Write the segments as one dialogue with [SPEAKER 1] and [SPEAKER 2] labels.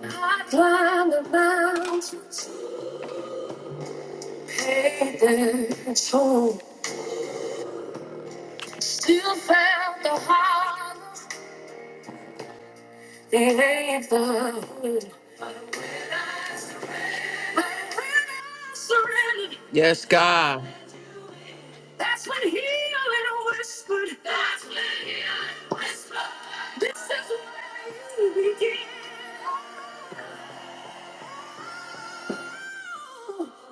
[SPEAKER 1] I climbed the mountains, paid the toll, still found the heart, gave the hood. But when I surrendered, Yes, God. That's when healing whispered. That's when healing whispered. This is where you begin.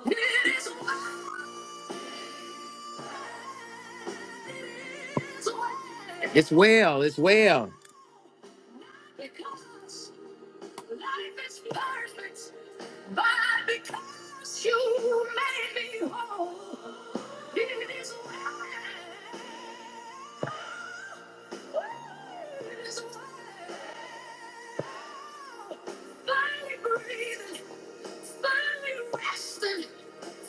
[SPEAKER 1] It is well. It is well. It's well. It's well. Because life is perfect, but because you made me whole, it is well. It is well. Finally breathing, finally resting,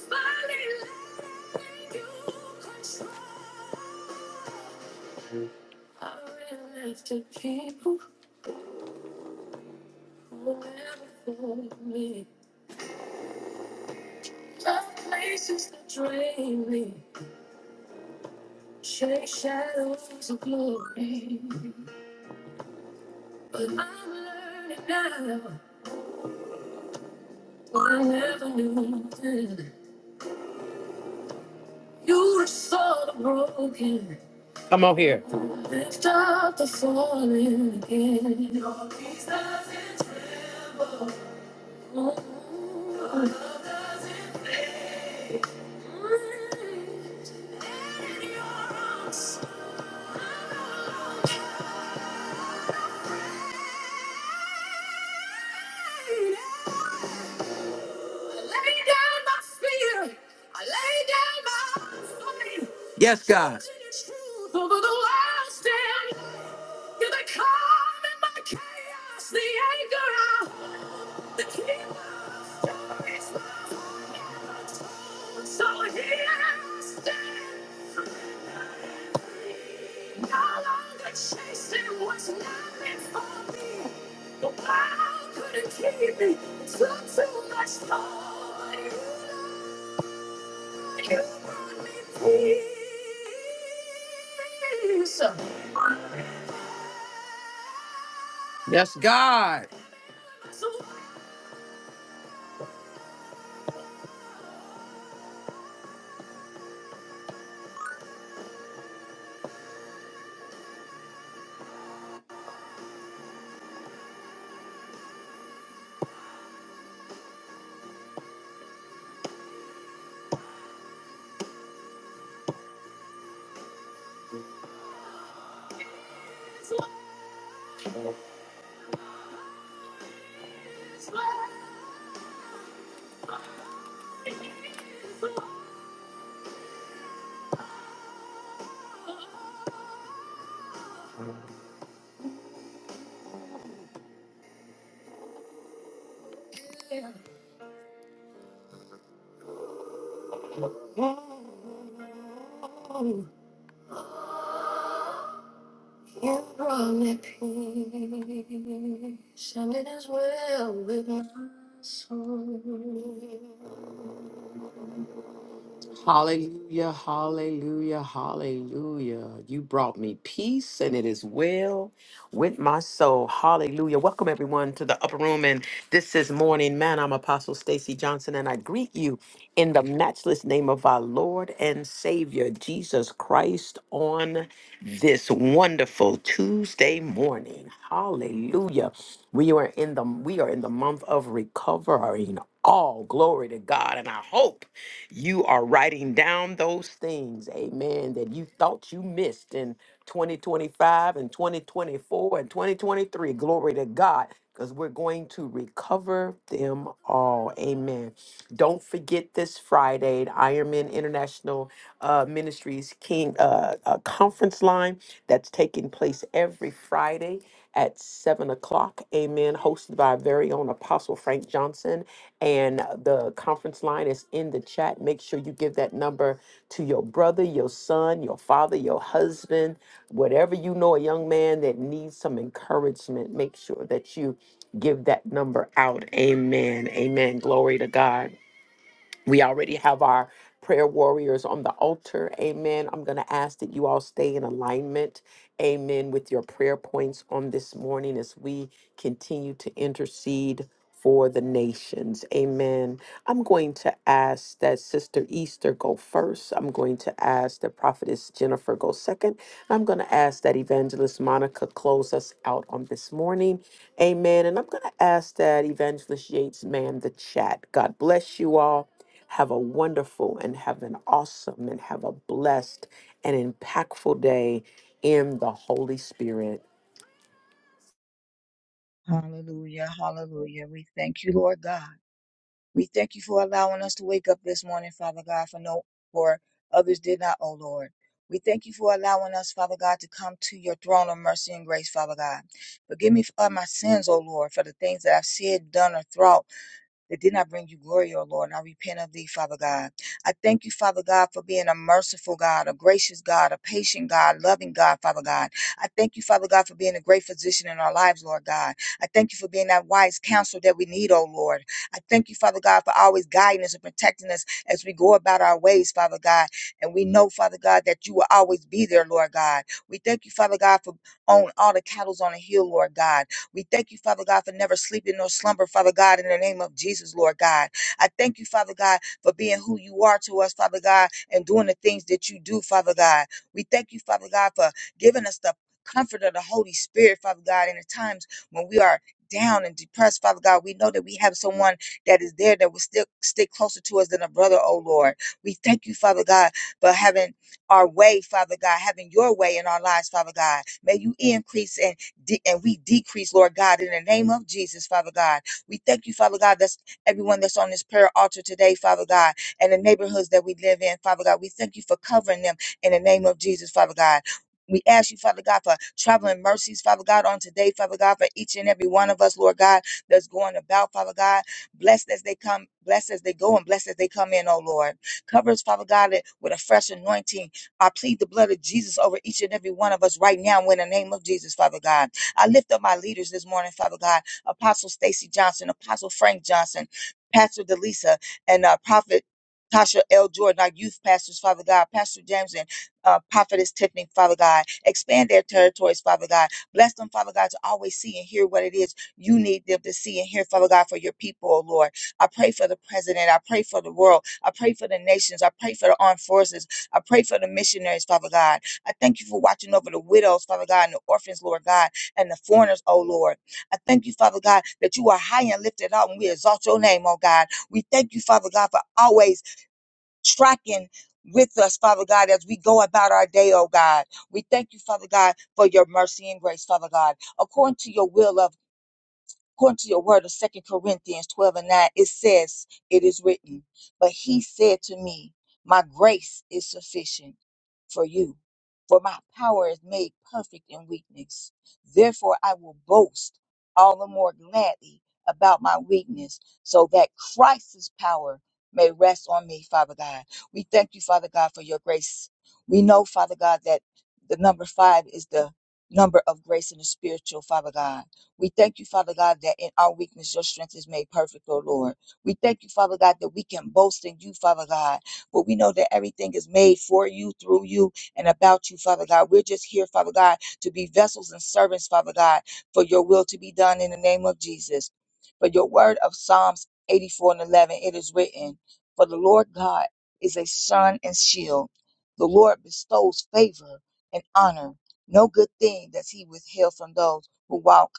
[SPEAKER 1] finally letting you control. I ran the people. Whatever for me. Dark places that drain me. Shake shadows of glory. But I'm learning now what I never knew then. You restore the broken. Come on here. Lift up the falling again. Your peace doesn't tremble. Ooh. Your love doesn't fade. Mm. And in your arms Yes, God. You're the calm in my chaos, the anchor out, the key of joy my heart. told. So here I stand, no longer chasing what's not meant for me. The wild couldn't keep me, it took too much for you. You brought me peace. Yes, God. Can't run in peace, and it is well with my soul. Hallelujah, hallelujah, hallelujah. You brought me peace, and it is well with my soul. Hallelujah. Welcome, everyone, to the upper room. And this is Morning Man. I'm Apostle Stacy Johnson, and I greet you in the matchless name of our Lord and Savior, Jesus Christ, on this wonderful Tuesday morning. Hallelujah. We are in the we are in the month of recovering. All glory to God, and I hope. You are writing down those things, amen, that you thought you missed in 2025 and 2024 and 2023. Glory to God, because we're going to recover them all. Amen. Don't forget this Friday, the Ironman International uh, Ministries King uh, uh, Conference Line that's taking place every Friday at 7 o'clock. Amen. Hosted by our very own Apostle Frank Johnson. And the conference line is in the chat. Make sure you give that number to your brother, your son, your father, your husband, whatever you know, a young man that needs some encouragement. Make sure that you give that number out. Amen. Amen. Glory to God. We already have our prayer warriors on the altar. Amen. I'm going to ask that you all stay in alignment. Amen. With your prayer points on this morning as we continue to intercede for the nations. Amen. I'm going to ask that Sister Easter go first. I'm going to ask that Prophetess Jennifer go second. And I'm going to ask that Evangelist Monica close us out on this morning. Amen. And I'm going to ask that Evangelist Yates man the chat. God bless you all. Have a wonderful and have an awesome and have a blessed and impactful day in the Holy Spirit.
[SPEAKER 2] Hallelujah. Hallelujah. We thank you, Lord God. We thank you for allowing us to wake up this morning, Father God, for no for others did not, oh Lord. We thank you for allowing us, Father God, to come to your throne of mercy and grace, Father God. Forgive me for my sins, oh Lord, for the things that I've said, done, or thought that did not bring you glory, O Lord. And I repent of thee, Father God. I thank you, Father God, for being a merciful God, a gracious God, a patient God, loving God, Father God. I thank you, Father God, for being a great physician in our lives, Lord God. I thank you for being that wise counsel that we need, O Lord. I thank you, Father God, for always guiding us and protecting us as we go about our ways, Father God. And we know, Father God, that you will always be there, Lord God. We thank you, Father God, for on all the cattle's on the hill, Lord God. We thank you, Father God, for never sleeping nor slumber, Father God, in the name of Jesus, Lord God. I thank you, Father God, for being who you are to us, Father God, and doing the things that you do, Father God. We thank you, Father God, for giving us the comfort of the Holy Spirit, Father God, in the times when we are down and depressed, Father God, we know that we have someone that is there that will still stick closer to us than a brother, oh Lord. We thank you, Father God, for having our way, Father God, having your way in our lives, Father God. May you increase and de- and we decrease, Lord God, in the name of Jesus, Father God. We thank you, Father God, that's everyone that's on this prayer altar today, Father God, and the neighborhoods that we live in, Father God. We thank you for covering them in the name of Jesus, Father God. We ask you, Father God, for traveling mercies, Father God, on today, Father God, for each and every one of us, Lord God, that's going about, Father God. Blessed as they come, blessed as they go, and blessed as they come in, oh Lord. Cover us, Father God, with a fresh anointing. I plead the blood of Jesus over each and every one of us right now in the name of Jesus, Father God. I lift up my leaders this morning, Father God, Apostle Stacy Johnson, Apostle Frank Johnson, Pastor Delisa, and uh, Prophet Tasha L. Jordan, our youth pastors, Father God, Pastor James and uh, Prophetess Tiffany, Father God. Expand their territories, Father God. Bless them, Father God, to always see and hear what it is you need them to see and hear, Father God, for your people, oh Lord. I pray for the president. I pray for the world. I pray for the nations. I pray for the armed forces. I pray for the missionaries, Father God. I thank you for watching over the widows, Father God, and the orphans, Lord God and the foreigners, oh Lord. I thank you, Father God, that you are high and lifted up and we exalt your name, oh God. We thank you, Father God, for always tracking with us, Father God, as we go about our day, oh God. We thank you, Father God, for your mercy and grace, Father God. According to your will, of according to your word of second corinthians 12 and 9 it says it is written but he said to me my grace is sufficient for you for my power is made perfect in weakness therefore i will boast all the more gladly about my weakness so that christ's power may rest on me father god we thank you father god for your grace we know father god that the number five is the number of grace in the spiritual father god we thank you, Father God, that in our weakness, your strength is made perfect, O Lord. We thank you, Father God, that we can boast in you, Father God. But we know that everything is made for you, through you, and about you, Father God. We're just here, Father God, to be vessels and servants, Father God, for your will to be done in the name of Jesus. For your word of Psalms 84 and 11, it is written, For the Lord God is a sun and shield. The Lord bestows favor and honor. No good thing does he withhold from those who walk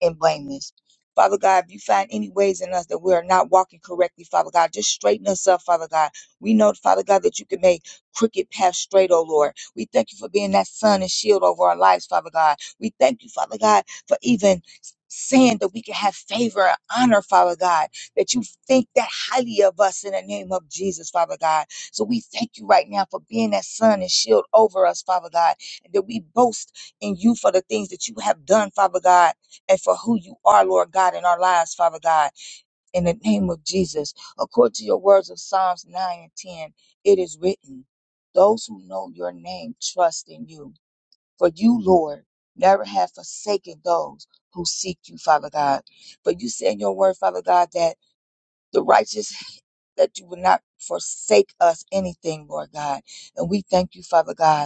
[SPEAKER 2] and blameless. Father God, if you find any ways in us that we are not walking correctly, Father God, just straighten us up, Father God. We know, Father God, that you can make crooked paths straight, oh Lord. We thank you for being that sun and shield over our lives, Father God. We thank you, Father God, for even saying that we can have favor and honor, Father God, that you think that highly of us in the name of Jesus, Father God. So we thank you right now for being that sun and shield over us, Father God, and that we boast in you for the things that you have done, Father God and for who you are, Lord God, in our lives, Father God, in the name of Jesus. According to your words of Psalms 9 and 10, it is written, Those who know your name trust in you. For you, Lord, never have forsaken those who seek you, Father God. But you say in your word, Father God, that the righteous, that you will not forsake us anything, Lord God. And we thank you, Father God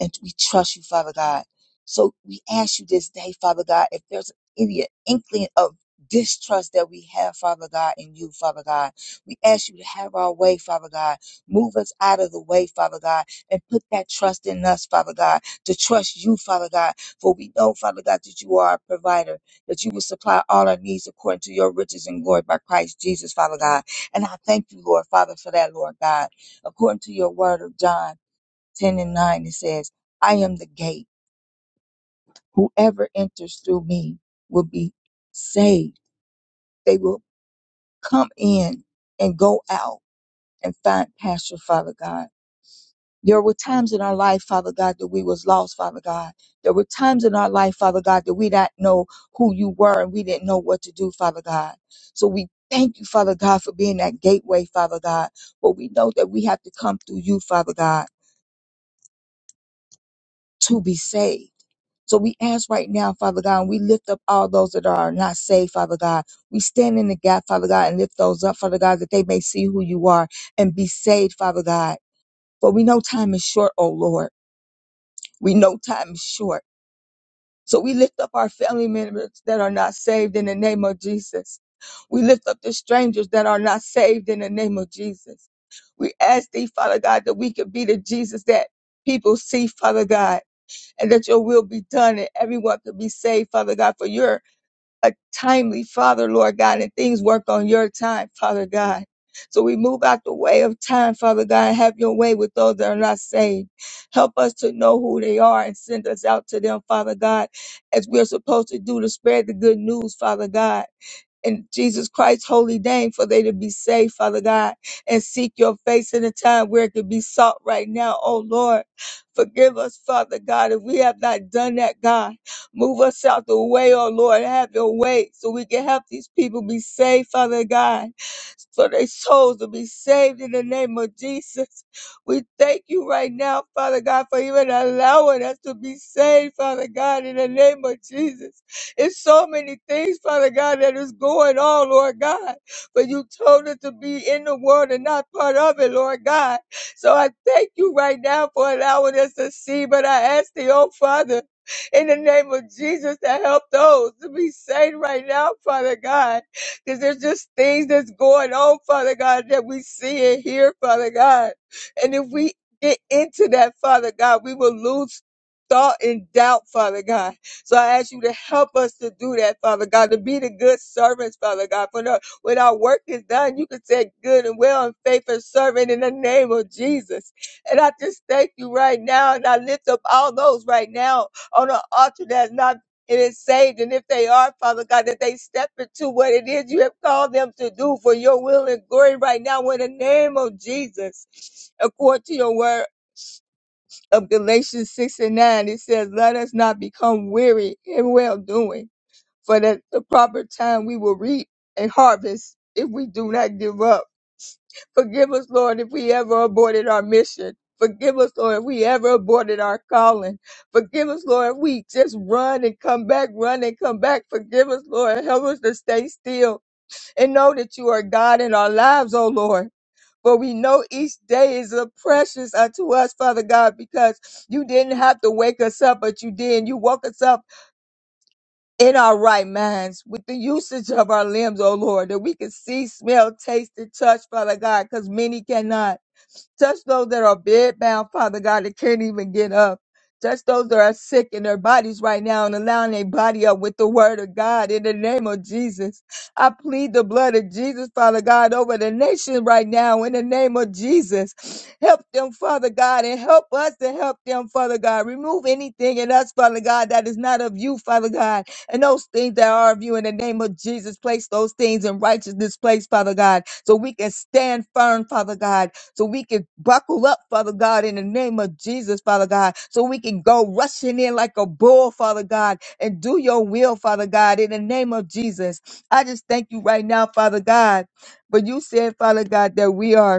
[SPEAKER 2] and we trust you, Father God. So we ask you this day, Father God, if there's any inkling of distrust that we have, Father God, in you, Father God, we ask you to have our way, Father God. Move us out of the way, Father God, and put that trust in us, Father God, to trust you, Father God. For we know, Father God, that you are a provider, that you will supply all our needs according to your riches and glory by Christ Jesus, Father God. And I thank you, Lord, Father, for that, Lord God. According to your word of John. 10 and 9, it says, I am the gate. Whoever enters through me will be saved. They will come in and go out and find pasture, Father God. There were times in our life, Father God, that we was lost, Father God. There were times in our life, Father God, that we didn't know who you were and we didn't know what to do, Father God. So we thank you, Father God, for being that gateway, Father God. But we know that we have to come through you, Father God, to be saved. So we ask right now, Father God, and we lift up all those that are not saved, Father God. We stand in the gap, Father God, and lift those up, Father God, that they may see who you are and be saved, Father God. For we know time is short, oh Lord. We know time is short. So we lift up our family members that are not saved in the name of Jesus. We lift up the strangers that are not saved in the name of Jesus. We ask thee, Father God, that we could be the Jesus that people see, Father God and that your will be done and everyone could be saved, Father God, for you're a timely Father, Lord God, and things work on your time, Father God. So we move out the way of time, Father God, and have your way with those that are not saved. Help us to know who they are and send us out to them, Father God, as we're supposed to do to spread the good news, Father God in Jesus Christ's holy name for they to be saved, Father God, and seek your face in a time where it could be sought right now. Oh Lord, forgive us, Father God, if we have not done that, God. Move us out the way, oh Lord. Have your way so we can help these people be saved, Father God, so their souls to be saved in the name of Jesus. We thank you right now, Father God, for even allowing us to be saved, Father God, in the name of Jesus. It's so many things, Father God, that is going on, Lord God. But you told us to be in the world and not part of it, Lord God. So I thank you right now for allowing us to see. But I ask the oh Father, in the name of Jesus, to help those to be saved right now, Father God. Because there's just things that's going on, Father God, that we see and hear, Father God. And if we get into that, Father God, we will lose thought and doubt, Father God. So I ask you to help us to do that, Father God, to be the good servants, Father God. For no, when our work is done, you can say good and well and faithful servant in the name of Jesus. And I just thank you right now. And I lift up all those right now on the altar that's not it is saved. And if they are, Father God, that they step into what it is you have called them to do for your will and glory right now in the name of Jesus, according to your word of Galatians 6 and 9, it says, Let us not become weary in well doing, for at the proper time we will reap a harvest if we do not give up. Forgive us, Lord, if we ever aborted our mission. Forgive us, Lord, if we ever aborted our calling. Forgive us, Lord, if we just run and come back, run and come back. Forgive us, Lord. Help us to stay still and know that you are God in our lives, oh Lord. For we know each day is a precious unto us, Father God, because you didn't have to wake us up, but you did. You woke us up in our right minds with the usage of our limbs, oh Lord, that we can see, smell, taste, and touch, Father God, because many cannot. Touch those that are bedbound, Father God, that can't even get up. Touch those that are sick in their bodies right now and allowing their body up with the word of God in the name of Jesus. I plead the blood of Jesus, Father God, over the nation right now in the name of Jesus. Help them, Father God, and help us to help them, Father God. Remove anything in us, Father God, that is not of you, Father God. And those things that are of you in the name of Jesus, place those things in righteousness, place, Father God, so we can stand firm, Father God so we can buckle up, Father God, in the name of Jesus, Father God, so we can go rushing in like a bull, Father God, and do your will, Father God, in the name of Jesus. I just thank you right now, Father God. But you said, Father God, that we are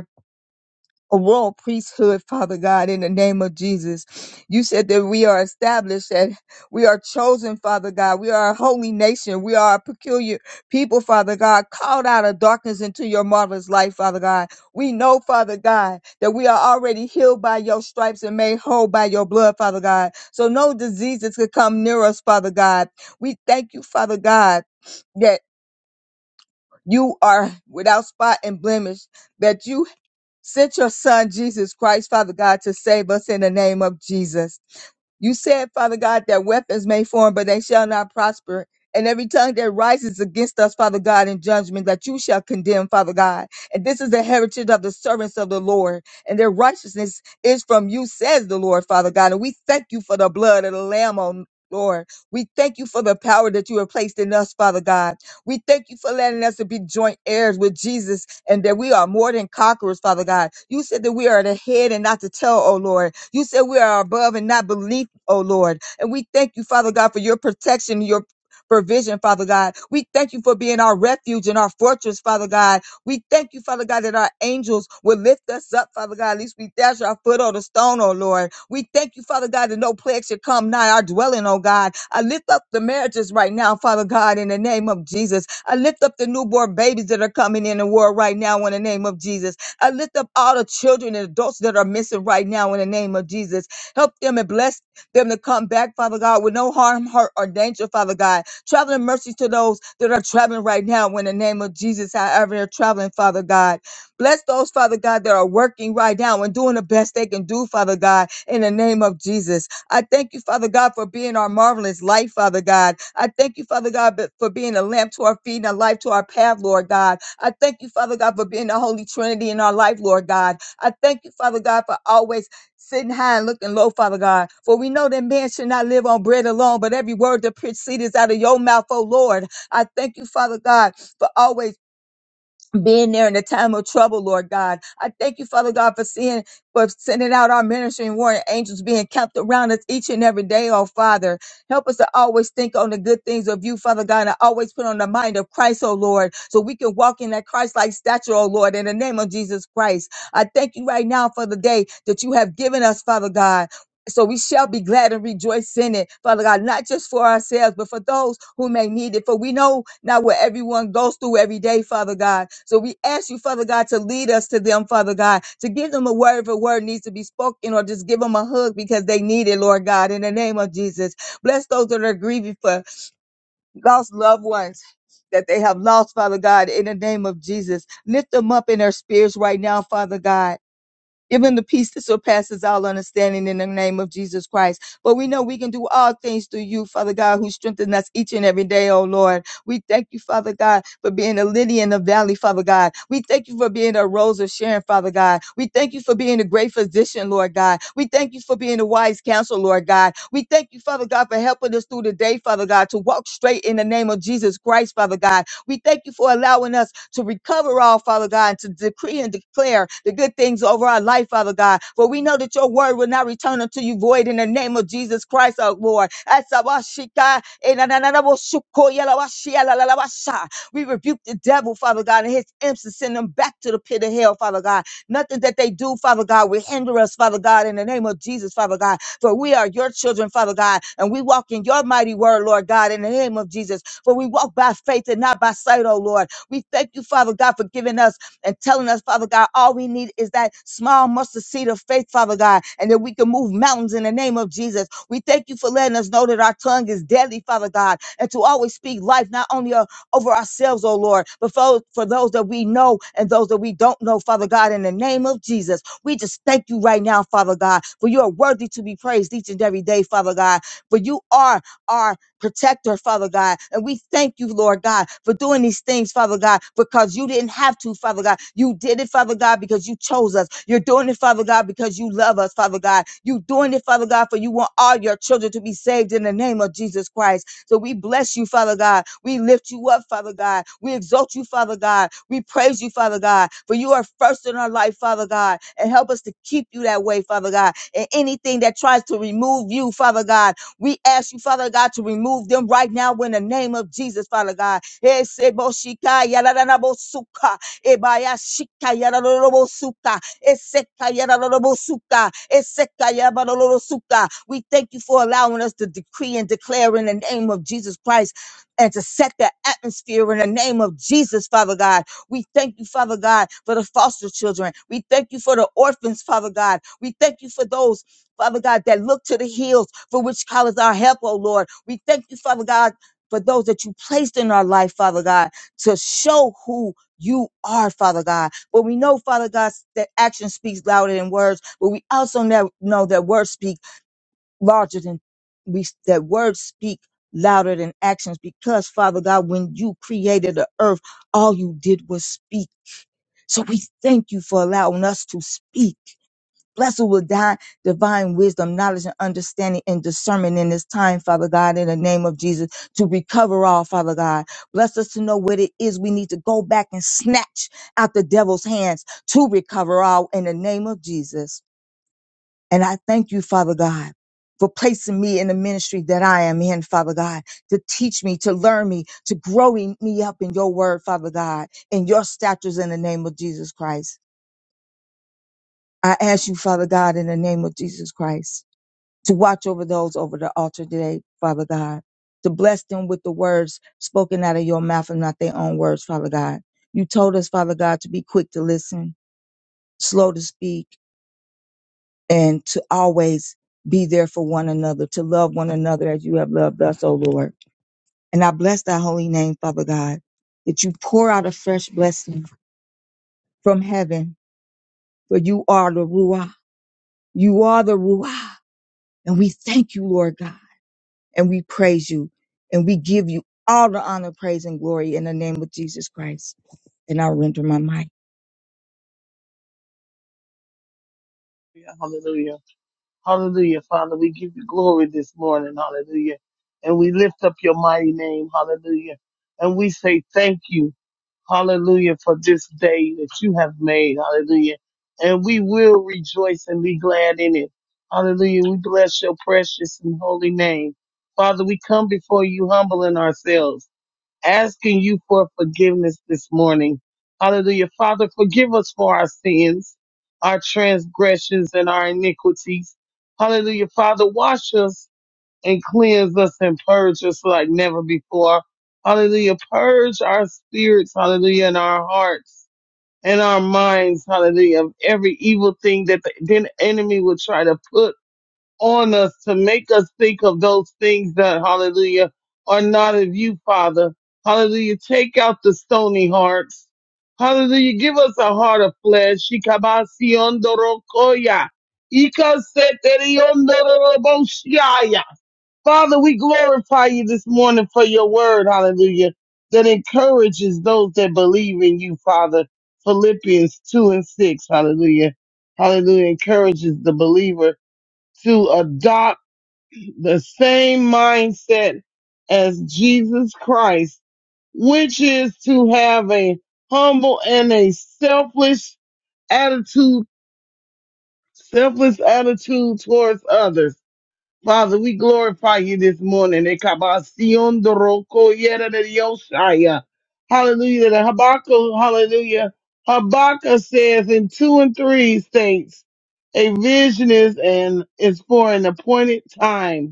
[SPEAKER 2] a royal priesthood, Father God, in the name of Jesus. You said that we are established, that we are chosen, Father God. We are a holy nation. We are a peculiar people, Father God, called out of darkness into your marvelous light, Father God. We know, Father God, that we are already healed by your stripes and made whole by your blood, Father God. So no diseases could come near us, Father God. We thank you, Father God, that you are without spot and blemish, that you Send your son, Jesus Christ, Father God, to save us in the name of Jesus. You said, Father God, that weapons may form, but they shall not prosper. And every tongue that rises against us, Father God, in judgment, that you shall condemn, Father God. And this is the heritage of the servants of the Lord. And their righteousness is from you, says the Lord, Father God. And we thank you for the blood of the Lamb, on Lord. We thank you for the power that you have placed in us, Father God. We thank you for letting us to be joint heirs with Jesus and that we are more than conquerors, Father God. You said that we are the head and not the tail, oh Lord. You said we are above and not beneath, oh Lord. And we thank you, Father God, for your protection, your provision, Father God. We thank you for being our refuge and our fortress, Father God we thank you, Father God, that our angels will lift us up, Father God. At least we dash our foot on the stone, oh Lord. We thank you, Father God, that no plague should come nigh our dwelling, oh God. I lift up the marriages right now, Father God, in the name of Jesus. I lift up the newborn babies that are coming in the world right now in the name of Jesus. I lift up all the children and adults that are missing right now in the name of Jesus. Help them and bless them to come back, Father God, with no harm, hurt, or danger, Father God. Traveling mercies to those that are traveling right now in the name of Jesus, however they're traveling, Father God. Bless those, Father God, that are working right now and doing the best they can do, Father God, in the name of Jesus. I thank you, Father God, for being our marvelous light, Father God. I thank you, Father God, be- for being a lamp to our feet and a light to our path, Lord God. I thank you, Father God, for being the Holy Trinity in our life, Lord God. I thank you, Father God, for always sitting high and looking low, Father God. For we know that man should not live on bread alone, but every word that proceeds out of your mouth, oh Lord. I thank you, Father God, for always being there in the time of trouble, Lord God. I thank you, Father God, for seeing, for sending out our ministry and warring angels being kept around us each and every day, oh Father. Help us to always think on the good things of you, Father God, and always put on the mind of Christ, oh Lord, so we can walk in that Christ-like stature, oh Lord, in the name of Jesus Christ. I thank you right now for the day that you have given us, Father God. So we shall be glad and rejoice in it, Father God, not just for ourselves, but for those who may need it. For we know not what everyone goes through every day, Father God. So we ask you, Father God, to lead us to them, Father God, to give them a word if a word needs to be spoken or just give them a hug because they need it, Lord God, in the name of Jesus. Bless those that are grieving for lost loved ones. That they have lost, Father God, in the name of Jesus. Lift them up in their spirits right now, Father God Give him the peace that surpasses all understanding in the name of Jesus Christ. But we know we can do all things through you, Father God, who strengthens us each and every day, oh Lord. We thank you, Father God, for being a lily in the valley, Father God. We thank you for being a rose of Sharon, Father God. We thank you for being a great physician, Lord God. We thank you for being a wise counsel, Lord God. We thank you, Father God, for helping us through the day, Father God, to walk straight in the name of Jesus Christ, Father God. We thank you for allowing us to recover all, Father God, and to decree and declare the good things over our life, Father God. For we know that your word will not return unto you void in the name of Jesus Christ, our Lord. We rebuke the devil, Father God, and his imps and send them back to the pit of hell, Father God. Nothing that they do, Father God, will hinder us, Father God, in the name of Jesus, Father God. For we are your children, Father God, and we walk in your mighty word, Lord God, in the name of Jesus. For we walk by faith and not by sight, oh Lord. We thank you, Father God, for giving us and telling us, Father God, all we need is that small mustard seed of faith, Father God, and that we can move mountains in the name of Jesus. We thank you for letting us know that our tongue is deadly, Father God, and to always speak life, not only o- over ourselves, oh Lord, but for, for those that we know and those that we don't know, Father God, in the name of Jesus. We just thank you right now, Father God, for you are worthy to be praised each and every day, Father God, for you are our Protect her, Father God. And we thank you, Lord God, for doing these things, Father God, because you didn't have to, Father God. You did it, Father God, because you chose us. You're doing it, Father God, because you love us, Father God. You are doing it, Father God, for you want all your children to be saved in the name of Jesus Christ. So we bless you, Father God. We lift you up, Father God. We exalt you, Father God. We praise you, Father God, for you are first in our life, Father God. And help us to keep you that way, Father God. And anything that tries to remove you, Father God, we ask you, Father God, to remove them right now in the name of Jesus, Father God. Eseboshika yalalalabosuka, ebayashika yalalalabosuka, eseka yalalalabosuka, eseka yabalolosuka. We thank you for allowing us to decree and declare in the name of Jesus Christ and to set the atmosphere in the name of Jesus, Father God. We thank you, Father God, for the foster children. We thank you for the orphans, Father God. We thank you for those Father God, that look to the hills for which calleth our help, oh Lord. We thank you, Father God, for those that you placed in our life, Father God, to show who you are, Father God. But we know, Father God, that action speaks louder than words, but we also know know that words speak larger than we, that words speak louder than actions because, Father God, when you created the earth, all you did was speak. So we thank you for allowing us to speak Blessed with di- divine wisdom, knowledge, and understanding and discernment in this time, Father God, in the name of Jesus, to recover all, Father God. Bless us to know what it is we need to go back and snatch out the devil's hands to recover all in the name of Jesus. And I thank you, Father God, for placing me in the ministry that I am in, Father God, to teach me, to learn me, to grow in- me up in your word, Father God, in your statutes in the name of Jesus Christ. I ask you, Father God, in the name of Jesus Christ to watch over those over the altar today, Father God, to bless them with the words spoken out of your mouth and not their own words, Father God. You told us, Father God, to be quick to listen, slow to speak, and to always be there for one another, to love one another as you have loved us, O Lord. And I bless thy holy name, Father God, that you pour out a fresh blessing from heaven, for you are the Ruah. You are the Ruah. And we thank you, Lord God. and we praise you and we give you all the honor, praise, and glory in the name of Jesus Christ. And I render my mic.
[SPEAKER 3] Hallelujah. Hallelujah. Hallelujah. Father, we give you glory this morning. Hallelujah. And we lift up your mighty name. Hallelujah. And we say thank you. Hallelujah for this day that you have made. Hallelujah. And we will rejoice and be glad in it. Hallelujah. We bless your precious and holy name. Father, we come before you humbling ourselves asking you for forgiveness this morning. Hallelujah. Father, forgive us for our sins, our transgressions, and our iniquities. Hallelujah. Father, wash us and cleanse us and purge us like never before. Hallelujah. Purge our spirits, hallelujah, and our hearts and our minds, hallelujah, of every evil thing that the, the enemy will try to put on us to make us think of those things that, hallelujah, are not of you, Father. Hallelujah. Take out the stony hearts. Hallelujah. Give us a heart of flesh. Shikabasiondorokoya. Ikaseteriondoroboshiaya. Father, we glorify you this morning for your word, hallelujah, that encourages those that believe in you, Father. Philippians 2 and 6, hallelujah. Hallelujah. Encourages the believer to adopt the same mindset as Jesus Christ, which is to have a humble and a selfless attitude, selfless attitude towards others. Father, we glorify you this morning. Ekabasion doroko yera de yoshaya. Hallelujah. The Habakkuk, hallelujah. Habakkuk says in two and three states, a vision is and is for an appointed time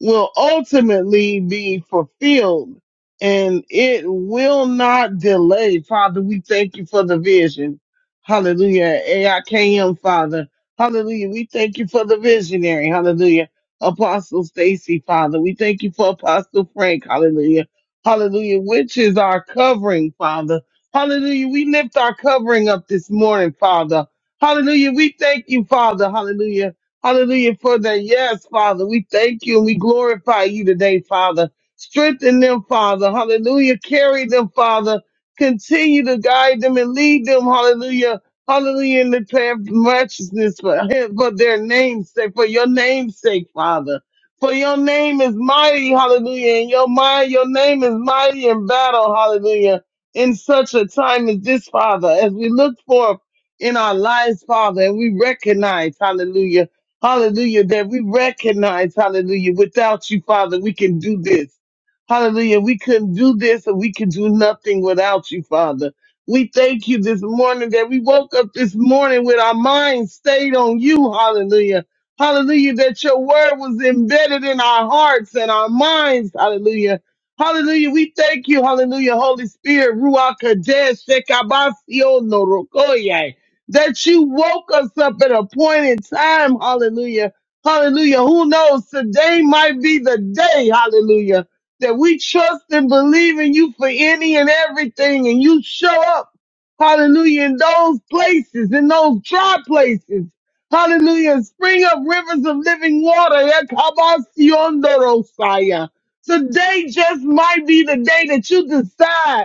[SPEAKER 3] will ultimately be fulfilled and it will not delay. Father, we thank you for the vision. Hallelujah. AIKM, Father. Hallelujah. We thank you for the visionary. Hallelujah. Apostle Stacy, Father. We thank you for Apostle Frank. Hallelujah. Hallelujah. Which is our covering, Father. Hallelujah. We lift our covering up this morning, Father. Hallelujah. We thank you, Father. Hallelujah Hallelujah for that. Yes, Father. We thank you and we glorify you today, Father. Strengthen them, Father. Hallelujah. Carry them, Father. Continue to guide them and lead them. Hallelujah. Hallelujah. In the path of righteousness for, for their name's sake, for your name's sake, Father. For your name is mighty. Hallelujah. In your mind, your name is mighty in battle. Hallelujah. In such a time as this, Father, as we look forth in our lives, Father, and we recognize, hallelujah Hallelujah, that we recognize, hallelujah, without you, Father, we can do this. Hallelujah, we couldn't do this and we could do nothing without you, Father. We thank you this morning that we woke up this morning with our minds stayed on you, hallelujah. Hallelujah, that your word was embedded in our hearts and our minds, hallelujah. Hallelujah, we thank you, hallelujah, Holy Spirit, Ruach Kadesh, Shekabasio, Norokoye that you woke us up at a point in time. Hallelujah. Hallelujah. Who knows? Today might be the day. Hallelujah. That we trust and believe in you for any and everything and you show up. Hallelujah. In those places, in those dry places. Hallelujah. And Spring up rivers of living water. Ekabasionderosaya. Today just might be the day that you decide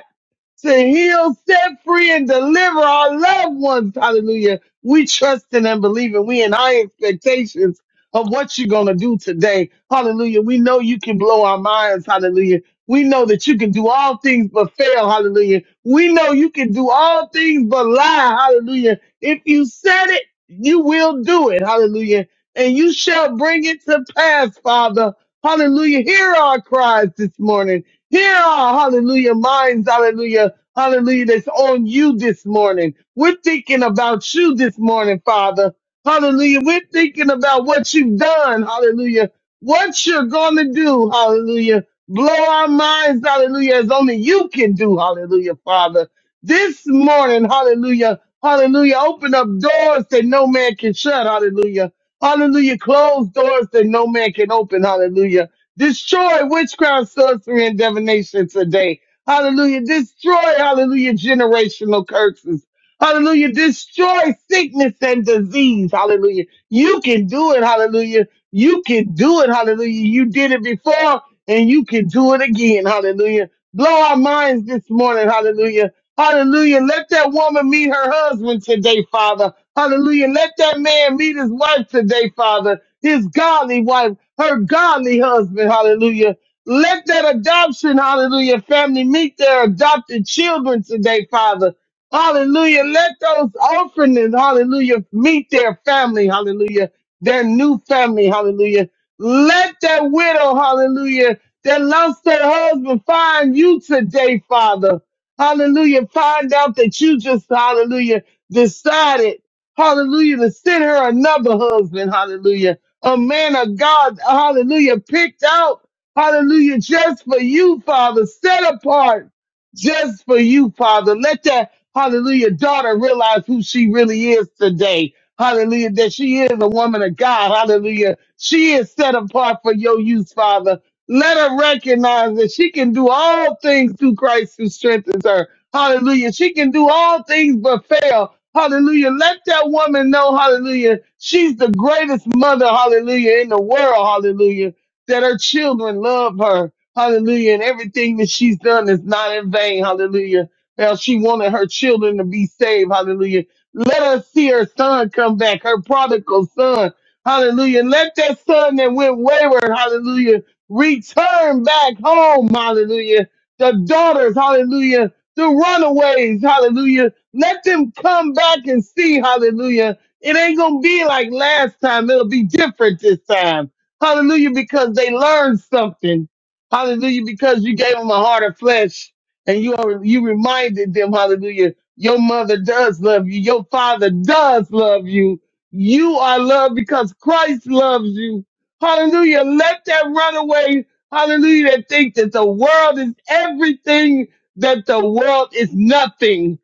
[SPEAKER 3] to heal, set free, and deliver our loved ones. Hallelujah. We trusting and believing. We in high expectations of what you're going to do today. Hallelujah. We know you can blow our minds. Hallelujah. We know that you can do all things but fail. Hallelujah. We know you can do all things but lie. Hallelujah. If you said it, you will do it. Hallelujah. And you shall bring it to pass, Father. Hallelujah. Hear our cries this morning. Here are, hallelujah, minds, hallelujah, hallelujah, that's on you this morning. We're thinking about you this morning, Father. Hallelujah. We're thinking about what you've done, hallelujah, what you're going to do, hallelujah. Blow our minds, hallelujah, as only you can do, hallelujah, Father. This morning, hallelujah, hallelujah, open up doors that no man can shut, hallelujah. Hallelujah, close doors that no man can open, hallelujah. Destroy witchcraft, sorcery, and divination today. Hallelujah. Destroy, hallelujah, generational curses. Hallelujah. Destroy sickness and disease. Hallelujah. You can do it. Hallelujah. You can do it. Hallelujah. You did it before and you can do it again. Hallelujah. Blow our minds this morning. Hallelujah. Hallelujah. Let that woman meet her husband today, Father. Hallelujah. Let that man meet his wife today, Father. His godly wife, her godly husband. Hallelujah. Let that adoption, hallelujah, family meet their adopted children today, Father. Hallelujah. Let those orphans, hallelujah, meet their family, hallelujah, their new family, hallelujah. Let that widow, hallelujah, that lost her husband find you today, Father. Hallelujah. Find out that you just, hallelujah, decided, hallelujah, to send her another husband. Hallelujah. A man of God, hallelujah, picked out, hallelujah, just for you, Father, set apart just for you, Father. Let that, hallelujah, daughter realize who she really is today. Hallelujah, that she is a woman of God. Hallelujah. She is set apart for your use, Father. Let her recognize that she can do all things through Christ who strengthens her. Hallelujah. She can do all things but fail. Hallelujah. Let that woman know, hallelujah, she's the greatest mother, hallelujah, in the world, hallelujah, that her children love her, hallelujah, and everything that she's done is not in vain, hallelujah. Now she wanted her children to be saved, hallelujah. Let her see her son come back, her prodigal son, hallelujah. Let that son that went wayward, hallelujah, return back home, hallelujah. The daughters, hallelujah, the runaways, hallelujah. Let them come back and see, hallelujah. It ain't gonna be like last time, it'll be different this time. Hallelujah, because they learned something. Hallelujah, because you gave them a heart of flesh and you are, you reminded them, hallelujah, your mother does love you, your father does love you. You are loved because Christ loves you. Hallelujah. Let that runaway, hallelujah, that think that the world is everything, that the world is nothing.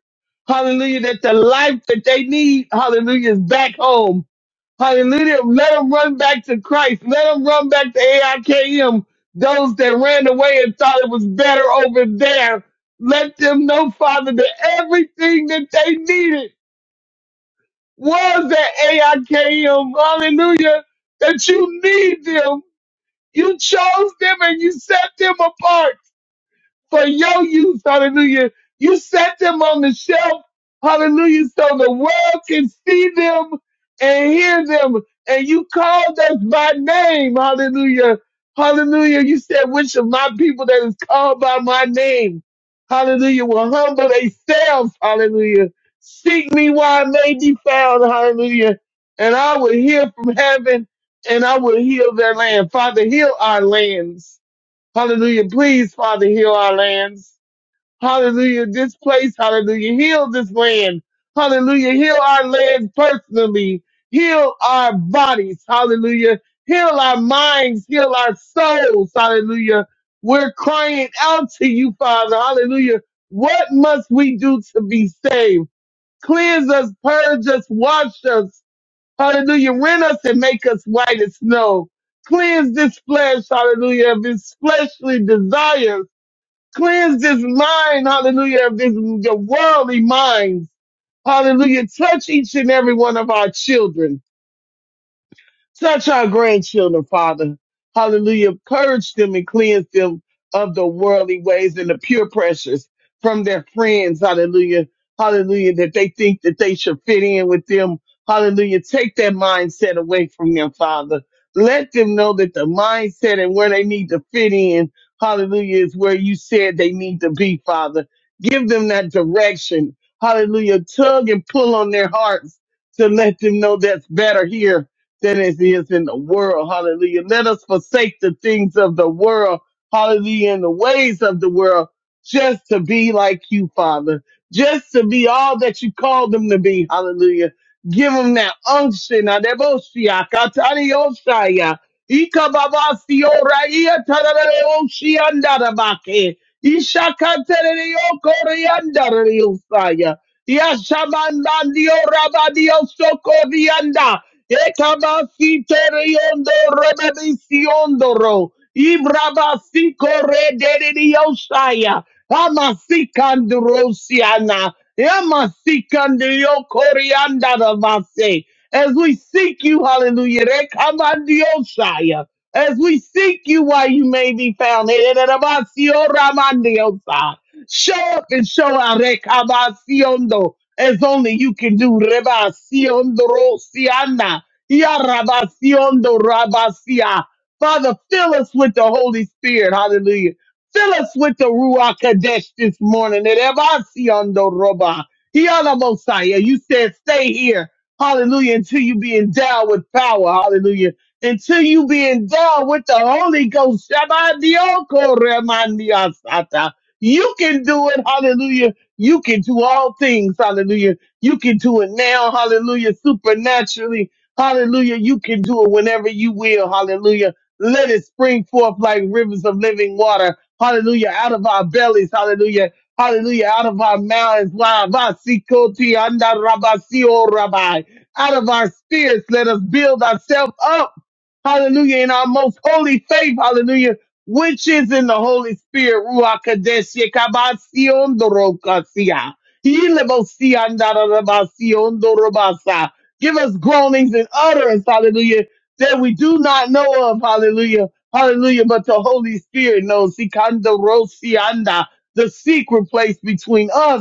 [SPEAKER 3] Hallelujah. That the life that they need, hallelujah, is back home. Hallelujah. Let them run back to Christ. Let them run back to AIKM. Those that ran away and thought it was better over there. Let them know, Father, that everything that they needed was at AIKM. Hallelujah. That you need them. You chose them and you set them apart for your use. Hallelujah. You set them on the shelf. Hallelujah. So the world can see them and hear them. And you called us by name. Hallelujah. Hallelujah. You said, which of my people that is called by my name, hallelujah, will humble themselves. Hallelujah. Seek me while I may be found. Hallelujah. And I will hear from heaven and I will heal their land. Father, heal our lands. Hallelujah. Please, Father, heal our lands. Hallelujah. This place, hallelujah. Heal this land. Hallelujah. Heal our land personally. Heal our bodies. Hallelujah. Heal our minds. Heal our souls. Hallelujah. We're crying out to you, Father. Hallelujah. What must we do to be saved? Cleanse us, purge us, wash us. Hallelujah. rend us and make us white as snow. Cleanse this flesh, hallelujah, of its fleshly desires. Cleanse this mind, hallelujah, of this the worldly minds. Hallelujah. Touch each and every one of our children. Touch our grandchildren, Father. Hallelujah. Purge them and cleanse them of the worldly ways and the pure pressures from their friends. Hallelujah. Hallelujah. That they think that they should fit in with them. Hallelujah. Take that mindset away from them, Father. Let them know that the mindset and where they need to fit in, hallelujah, is where you said they need to be, Father. Give them that direction. Hallelujah. Tug and pull on their hearts to let them know that's better here that is it is in the world. Hallelujah. Let us forsake the things of the world. Hallelujah. And the ways of the world just to be like you, Father. Just to be all that you called them to be. Hallelujah. Give them that unction. adebosia, katarioshaya, ikababasioraya, tarareoshiandarabake, ishakatereyokoriandarariosaya, yashamandandiorabadio Ekabasiondo rebesiondoro. Ibrabasiko redediosaya. Amasikandrosiana. Amasikandio coriandarabase. As we seek you, hallelujah. Rekamandiosaya. As we seek you while you may be found. Ederabasio ramandiosa. Show up and show out. Rekabasiondo as only you can do. Reba Sion Ya rabasiondo rabasia. Father, fill us with the Holy Spirit. Hallelujah. Fill us with the Ruach Kadesh this morning. That roba. Ya la Mosiah. You said, stay here. Hallelujah. Until you be endowed with power. Hallelujah. Until you be endowed with the Holy Ghost. Shabadioko remandiasata. You can do it. Hallelujah. You can do all things. Hallelujah. You can do it now. Hallelujah. Supernaturally. Hallelujah. You can do it whenever you will. Hallelujah. Let it spring forth like rivers of living water. Hallelujah. Out of our bellies. Hallelujah. Hallelujah. Out of our mouths. Wow. Vasikoti anda rabasio rabai. Out of our spirits, let us build ourselves up hallelujah, in our most holy faith, hallelujah, which is in the Holy Spirit, Ruach Kadesh, Yekabasion Dorokasia, Yilebosian Darabasion Dorobasa. Give us groanings and utterance, hallelujah, that we do not know of, hallelujah, hallelujah, but the Holy Spirit knows, Sikandorosianda, the secret place between us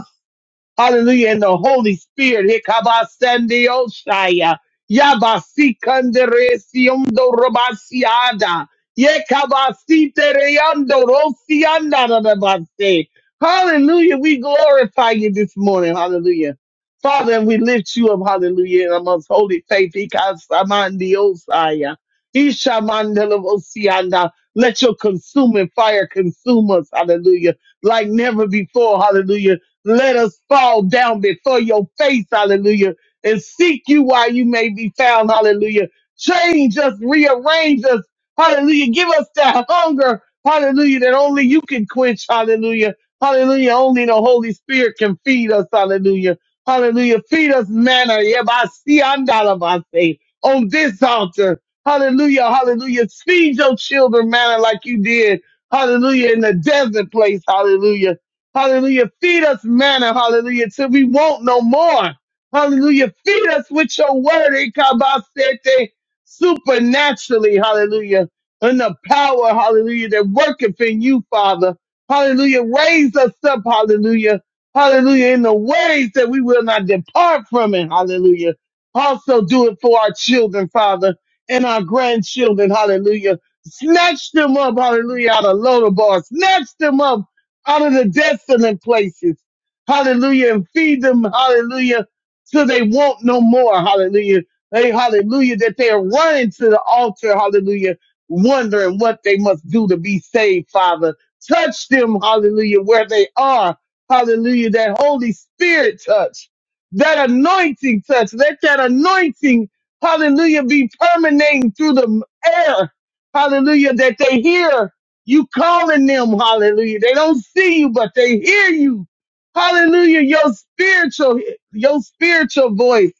[SPEAKER 3] Hallelujah. And the Holy Spirit. Hikabasandiosaya. Yabasikanderesiondorobasiada. Yekabasitereyandorosiandarabase. Hallelujah. We glorify you this morning. Hallelujah. Father, we lift you up. Hallelujah. In our most holy faith. Hikasamandiosaya. Ishamandelovosianda. Let your consuming fire consume us. Hallelujah. Like never before. Hallelujah let us fall down before your face, hallelujah, and seek you while you may be found, hallelujah. Change us, rearrange us, hallelujah. Give us that hunger, hallelujah, that only you can quench, hallelujah. Hallelujah, only the Holy Spirit can feed us, hallelujah. Hallelujah, feed us manna, yebasiandalabase, on this altar. Hallelujah, hallelujah. Feed your children manna like you did, hallelujah, in the desert place, hallelujah. Hallelujah. Feed us manna. Hallelujah. Till we want no more. Hallelujah. Feed us with your word. Ikabasete. Supernaturally. Hallelujah. And the power. Hallelujah. That worketh in you, Father. Hallelujah. Raise us up. Hallelujah. Hallelujah. In the ways that we will not depart from it. Hallelujah. Also do it for our children, Father, and our grandchildren. Hallelujah. Snatch them up. Hallelujah. Out of Lodabar. Snatch them up out of the desolate places. Hallelujah. And feed them, hallelujah, till they want no more. Hallelujah. They, hallelujah, that they are running to the altar. Hallelujah. Wondering what they must do to be saved, Father. Touch them, hallelujah, where they are. Hallelujah. That Holy Spirit touch, that anointing touch, let that anointing, hallelujah, be permeating through the air. Hallelujah, that they hear. You calling them, hallelujah. They don't see you, but they hear you. Hallelujah. Your spiritual, your spiritual voice,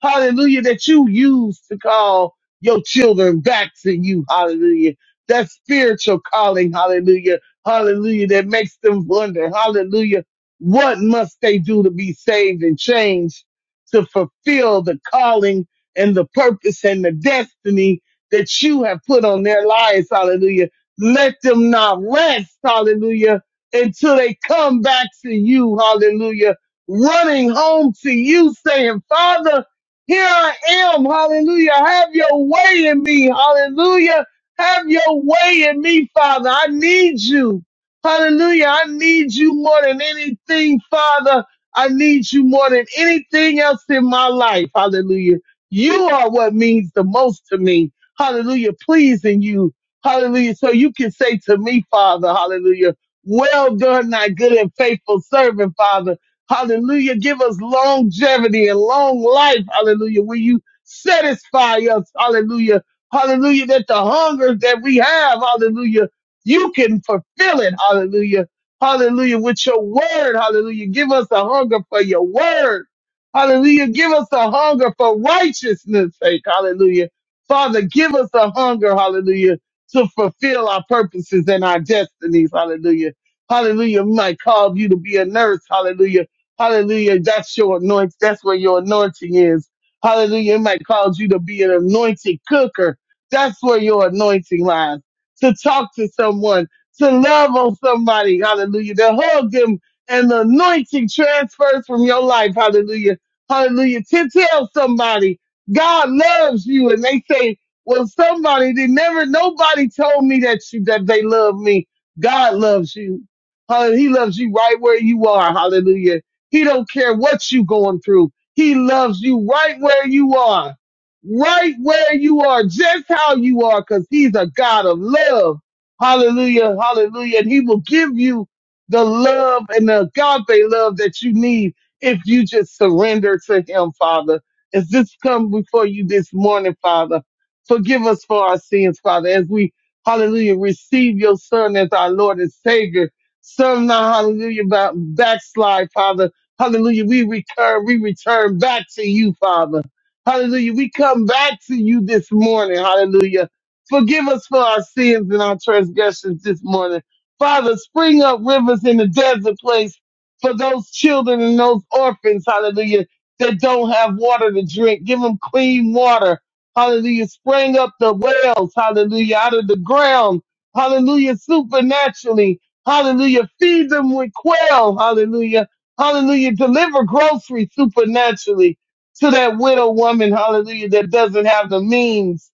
[SPEAKER 3] hallelujah, that you use to call your children back to you, hallelujah. That spiritual calling, hallelujah, hallelujah, that makes them wonder, hallelujah, what must they do to be saved and changed to fulfill the calling and the purpose and the destiny that you have put on their lives, hallelujah let them not rest, hallelujah, until they come back to you, hallelujah, running home to you saying, Father, here I am, hallelujah, have your way in me, hallelujah, have your way in me, Father, I need you, hallelujah, I need you more than anything, Father, I need you more than anything else in my life, hallelujah. You are what means the most to me. Hallelujah. Pleasing you. Hallelujah. So you can say to me, Father, hallelujah, well done, thy good and faithful servant, Father. Hallelujah. Give us longevity and long life. Hallelujah. Will you satisfy us? Hallelujah. Hallelujah. That the hunger that we have, hallelujah, you can fulfill it. Hallelujah. Hallelujah. With your word. Hallelujah. Give us a hunger for your word. Hallelujah. Give us a hunger for righteousness sake. Hallelujah. Father, give us a hunger. Hallelujah to fulfill our purposes and our destinies. Hallelujah. Hallelujah. Might call you to be a nurse. Hallelujah. Hallelujah. That's your anointing. That's where your anointing is. Hallelujah. It might cause you to be an anointed cooker. That's where your anointing lies. To talk to someone, to love on somebody. Hallelujah. To hug them and the anointing transfers from your life. Hallelujah. Hallelujah. To tell somebody God loves you and they say, well, somebody did never nobody told me that you that they love me. God loves you. Hallelujah. He loves you right where you are. Hallelujah. He don't care what you going through. He loves you right where you are. Right where you are, just how you are, because he's a God of love. Hallelujah. Hallelujah. And he will give you the love and the agape love that you need if you just surrender to him, Father. As this come before you this morning, Father. Forgive us for our sins, Father, as we, hallelujah, receive your Son as our Lord and Savior. Some now, hallelujah, ba- backslide, Father. Hallelujah, we return, we return back to you, Father. Hallelujah, we come back to you this morning, hallelujah. Forgive us for our sins and our transgressions this morning. Father, spring up rivers in the desert place for those children and those orphans, hallelujah, that don't have water to drink. Give them clean water. Hallelujah. Sprang up the wells. Hallelujah. Out of the ground. Hallelujah. Supernaturally. Hallelujah. Feed them with quail. Hallelujah. Hallelujah. Deliver groceries supernaturally to that widow woman. Hallelujah. That doesn't have the means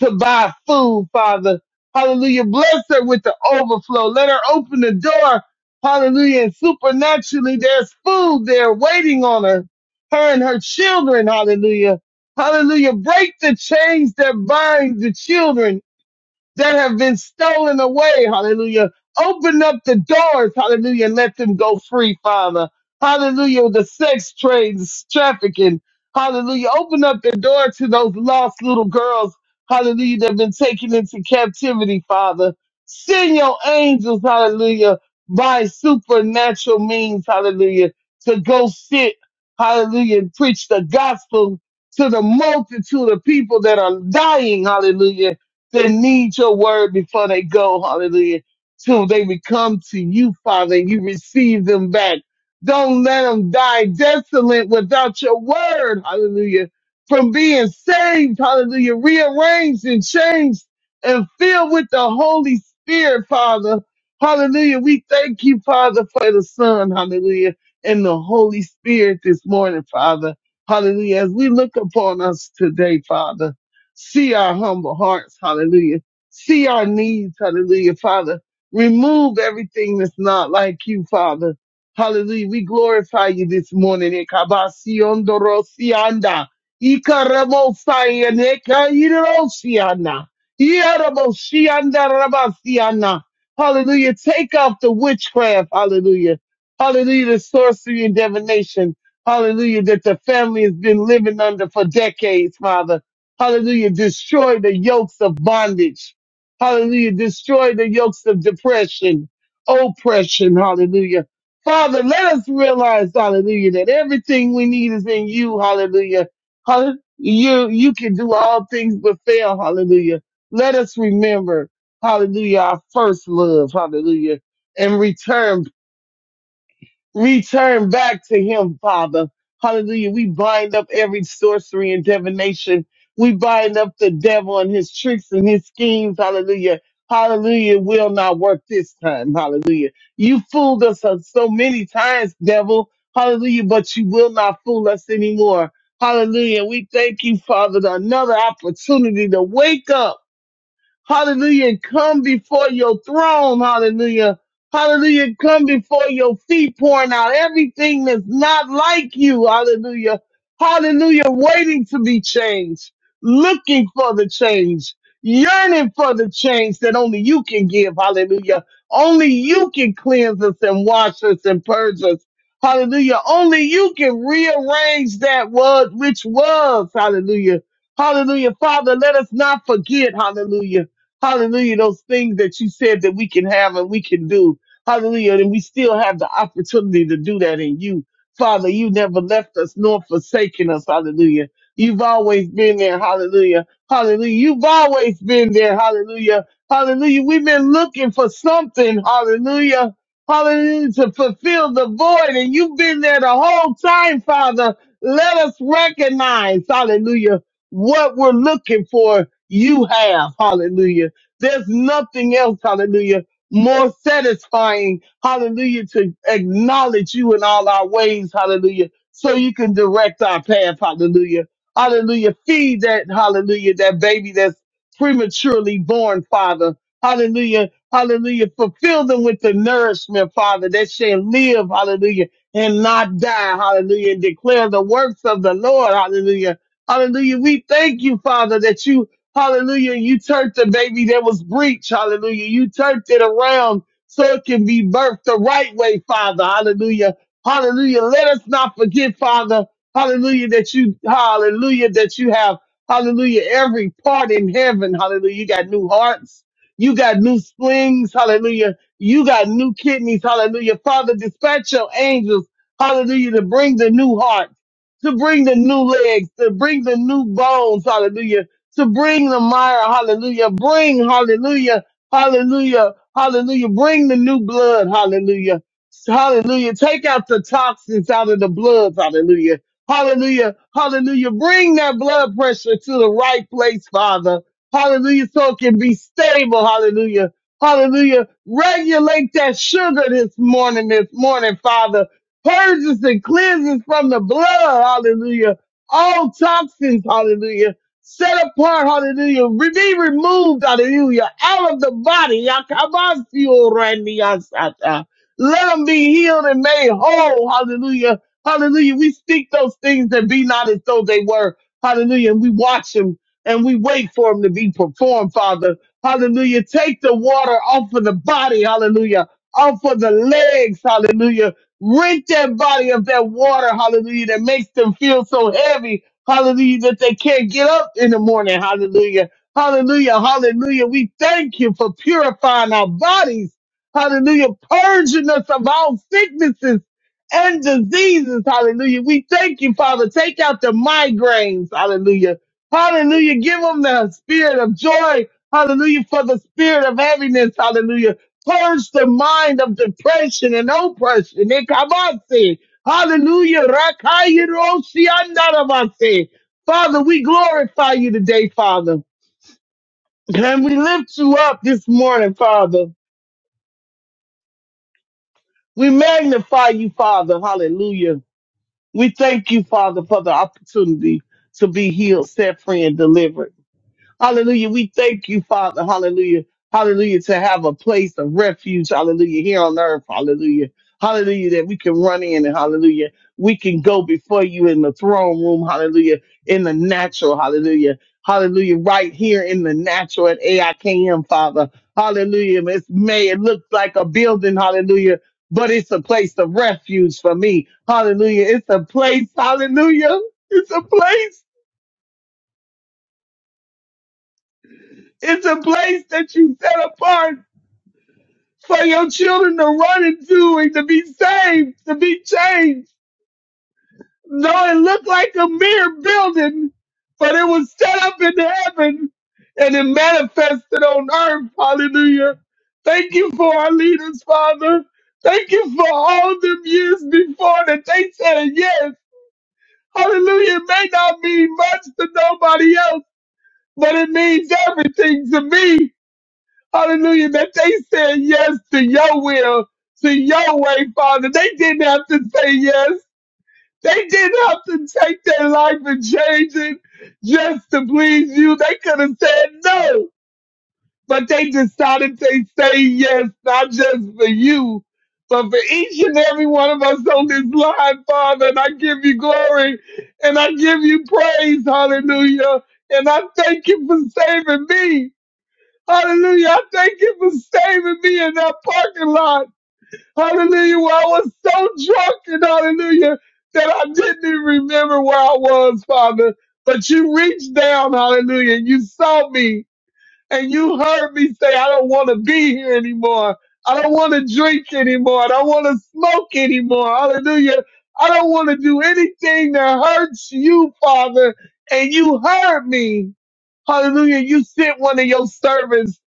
[SPEAKER 3] to buy food, Father. Hallelujah. Bless her with the overflow. Let her open the door. Hallelujah. And supernaturally, there's food there waiting on her, her and her children. Hallelujah Hallelujah. Break the chains that bind the children that have been stolen away. Hallelujah. Open up the doors. Hallelujah. And let them go free, Father. Hallelujah. The sex trades, trafficking. Hallelujah. Open up the door to those lost little girls. Hallelujah. That have been taken into captivity, Father. Send your angels. Hallelujah. By supernatural means. Hallelujah. To go sit. Hallelujah. And preach the gospel to the multitude of people that are dying. Hallelujah that need your word before they go, hallelujah, till they become to you, Father, and you receive them back. Don't let them die desolate without your word, hallelujah, from being saved, hallelujah, rearranged and changed and filled with the Holy Spirit, Father. Hallelujah. We thank you, Father, for the Son, hallelujah, and the Holy Spirit this morning, Father. Hallelujah. As we look upon us today, Father. See our humble hearts. Hallelujah. See our needs. Hallelujah, Father. Remove everything that's not like you, Father. Hallelujah. We glorify you this morning. Ekabasionderosianda. Ikaramosayene kairosiana. Ieramosiandarabasiana. Hallelujah. Take off the witchcraft. Hallelujah. Hallelujah. The sorcery and divination. Hallelujah. That the family has been living under for decades, Father. Hallelujah. Destroy the yokes of bondage. Hallelujah. Destroy the yokes of depression, oppression. Hallelujah. Father, let us realize, hallelujah, that everything we need is in you. Hallelujah. Hallelujah. You, you can do all things but fail. Hallelujah. Let us remember, hallelujah, our first love. Hallelujah. And return return back to him, Father. Hallelujah. We bind up every sorcery and divination. We bind up the devil and his tricks and his schemes. Hallelujah. Hallelujah. Will not work this time. Hallelujah. You fooled us uh, so many times, devil. Hallelujah. But you will not fool us anymore. Hallelujah. We thank you, Father, for another opportunity to wake up. Hallelujah. And come before your throne. Hallelujah. Hallelujah. And Come before your feet, pouring out everything that's not like you. Hallelujah. Hallelujah. Waiting to be changed, looking for the change, yearning for the change that only you can give. Hallelujah. Only you can cleanse us and wash us and purge us. Hallelujah. Only you can rearrange that word which was. Hallelujah. Hallelujah. Father, let us not forget. Hallelujah Hallelujah. Those things that you said that we can have and we can do. Hallelujah. And we still have the opportunity to do that in you. Father, you never left us nor forsaken us. Hallelujah. You've always been there. Hallelujah. Hallelujah. You've always been there. Hallelujah. Hallelujah. We've been looking for something. Hallelujah. Hallelujah. To fulfill the void. And you've been there the whole time, Father. Let us recognize. Hallelujah. What we're looking for, you have. Hallelujah. There's nothing else, hallelujah, more satisfying, hallelujah, to acknowledge you in all our ways, hallelujah, so you can direct our path, hallelujah. Hallelujah. Feed that, hallelujah, that baby that's prematurely born, Father. Hallelujah. Hallelujah. Fulfill them with the nourishment, Father, that shall live, hallelujah, and not die, hallelujah, and declare the works of the Lord, hallelujah. Hallelujah. We thank you, Father, that you Hallelujah. You turned the baby that was breech. Hallelujah. You turned it around so it can be birthed the right way, Father. Hallelujah. Hallelujah. Let us not forget, Father. Hallelujah. That you, hallelujah, that you have, hallelujah, every part in heaven. Hallelujah. You got new hearts. You got new slings. Hallelujah. You got new kidneys. Hallelujah. Father, dispatch your angels. Hallelujah. To bring the new heart, to bring the new legs, to bring the new bones. Hallelujah to bring the mire. Hallelujah. Bring, hallelujah, hallelujah, hallelujah. Bring the new blood. Hallelujah. Hallelujah. Take out the toxins out of the blood. Hallelujah. Hallelujah. Hallelujah. Bring that blood pressure to the right place, Father. Hallelujah. So it can be stable. Hallelujah. Hallelujah. Regulate that sugar this morning, this morning, Father. Purges and cleanses from the blood. Hallelujah. All toxins. Hallelujah set apart, hallelujah, Re- be removed, hallelujah, out of the body. Yakabasio randiasata. Let them be healed and made whole, hallelujah, hallelujah. We speak those things that be not as though they were, hallelujah, and we watch them and we wait for them to be performed, Father, hallelujah. Take the water off of the body, hallelujah, off of the legs, hallelujah. Rent that body of that water, hallelujah, that makes them feel so heavy, Hallelujah, that they can't get up in the morning. Hallelujah. Hallelujah. Hallelujah. We thank you for purifying our bodies. Hallelujah. Purging us of all sicknesses and diseases. Hallelujah. We thank you, Father. Take out the migraines. Hallelujah. Hallelujah. Give them the spirit of joy. Hallelujah. For the spirit of heaviness. Hallelujah. Purge the mind of depression and oppression. Hallelujah. Rakayirosiandarabase. Father, we glorify you today, Father. And we lift you up this morning, Father. We magnify you, Father. Hallelujah. We thank you, Father, for the opportunity to be healed, set free, and delivered. Hallelujah. We thank you, Father. Hallelujah. Hallelujah. To have a place of refuge. Hallelujah. Here on earth. Hallelujah. Hallelujah. That we can run in and hallelujah. We can go before you in the throne room. Hallelujah. In the natural. Hallelujah. Hallelujah. Right here in the natural at AIKM, Father. Hallelujah. It's may, it look like a building. Hallelujah. But it's a place of refuge for me. Hallelujah. It's a place. Hallelujah. It's a place. It's a place that you set apart. for your children to run into and to be saved, to be changed. Though it looked like a mere building, but it was set up in heaven and it manifested on earth. Hallelujah. Thank you for our leaders, Father. Thank you for all them years before that they said yes. Hallelujah. It may not mean much to nobody else, but it means everything to me. Hallelujah. That they said yes to your will, to your way, Father. They didn't have to say yes. They didn't have to take their life and change it just to please you. They could have said no, but they decided they say yes, not just for you, but for each and every one of us on this line, Father. And I give you glory and I give you praise. Hallelujah. And I thank you for saving me. Hallelujah. I thank you for saving me in that parking lot. Hallelujah. Where I was so drunk and hallelujah that I didn't even remember where I was, Father. But you reached down, hallelujah, and you saw me and you heard me say, I don't want to be here anymore. I don't want to drink anymore. I don't want to smoke anymore. Hallelujah. I don't want to do anything that hurts you, Father. And you heard me. Hallelujah. You sent one of your servants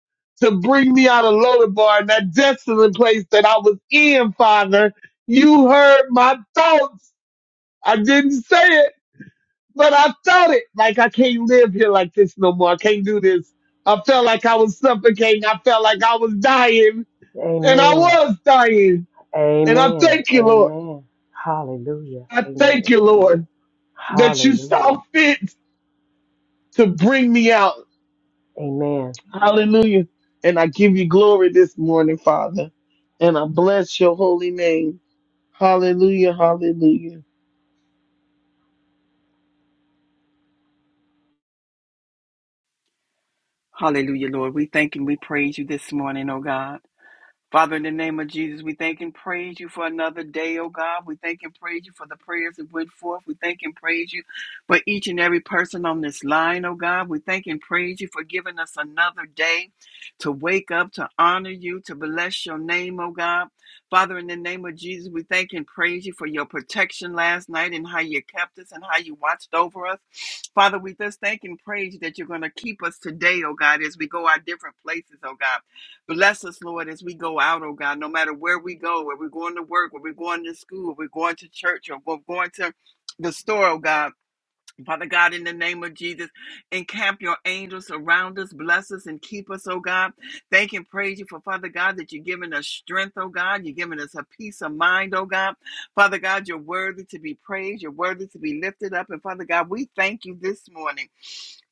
[SPEAKER 3] to bring me out of Lodabar and that desolate place that I was in, Father. You heard my thoughts. I didn't say it, but I thought it. Like I can't live here like this no more. I can't do this. I felt like I was suffocating. I felt like I was dying and I
[SPEAKER 1] Amen.
[SPEAKER 3] was dying. And I
[SPEAKER 1] Amen.
[SPEAKER 3] thank you, Lord.
[SPEAKER 1] Amen. Hallelujah.
[SPEAKER 3] I thank you,
[SPEAKER 1] Amen.
[SPEAKER 3] Lord, that you
[SPEAKER 1] Hallelujah.
[SPEAKER 3] saw fit to bring me out
[SPEAKER 1] Amen.
[SPEAKER 3] Hallelujah. And I give you glory this morning, Father. And I bless your holy name. Hallelujah. Hallelujah.
[SPEAKER 4] Hallelujah, Lord. We thank and we praise you this morning, oh God. Father, in the name of Jesus, we thank and praise you for another day, oh God. We thank and praise you for the prayers that went forth. We thank and praise you for each and every person on this line, oh God. We thank and praise you for giving us another day to wake up, to honor you, to bless your name, oh God. Father, in the name of Jesus, we thank and praise you for your protection last night and how you kept us and how you watched over us. Father, we just thank and praise you that you're going to keep us today, oh God, as we go our different places, oh God. Bless us, Lord, as we go out, oh God, no matter where we go, where we're going to work, where we're going to school, where we're going to church, or we're going to the store, oh God. Father God, in the name of Jesus, encamp your angels around us, bless us, and keep us, oh God. Thank and praise you for, Father God, that you're giving us strength, oh God. You're giving us a peace of mind, oh God. Father God, you're worthy to be praised. You're worthy to be lifted up. And Father God, we thank you this morning.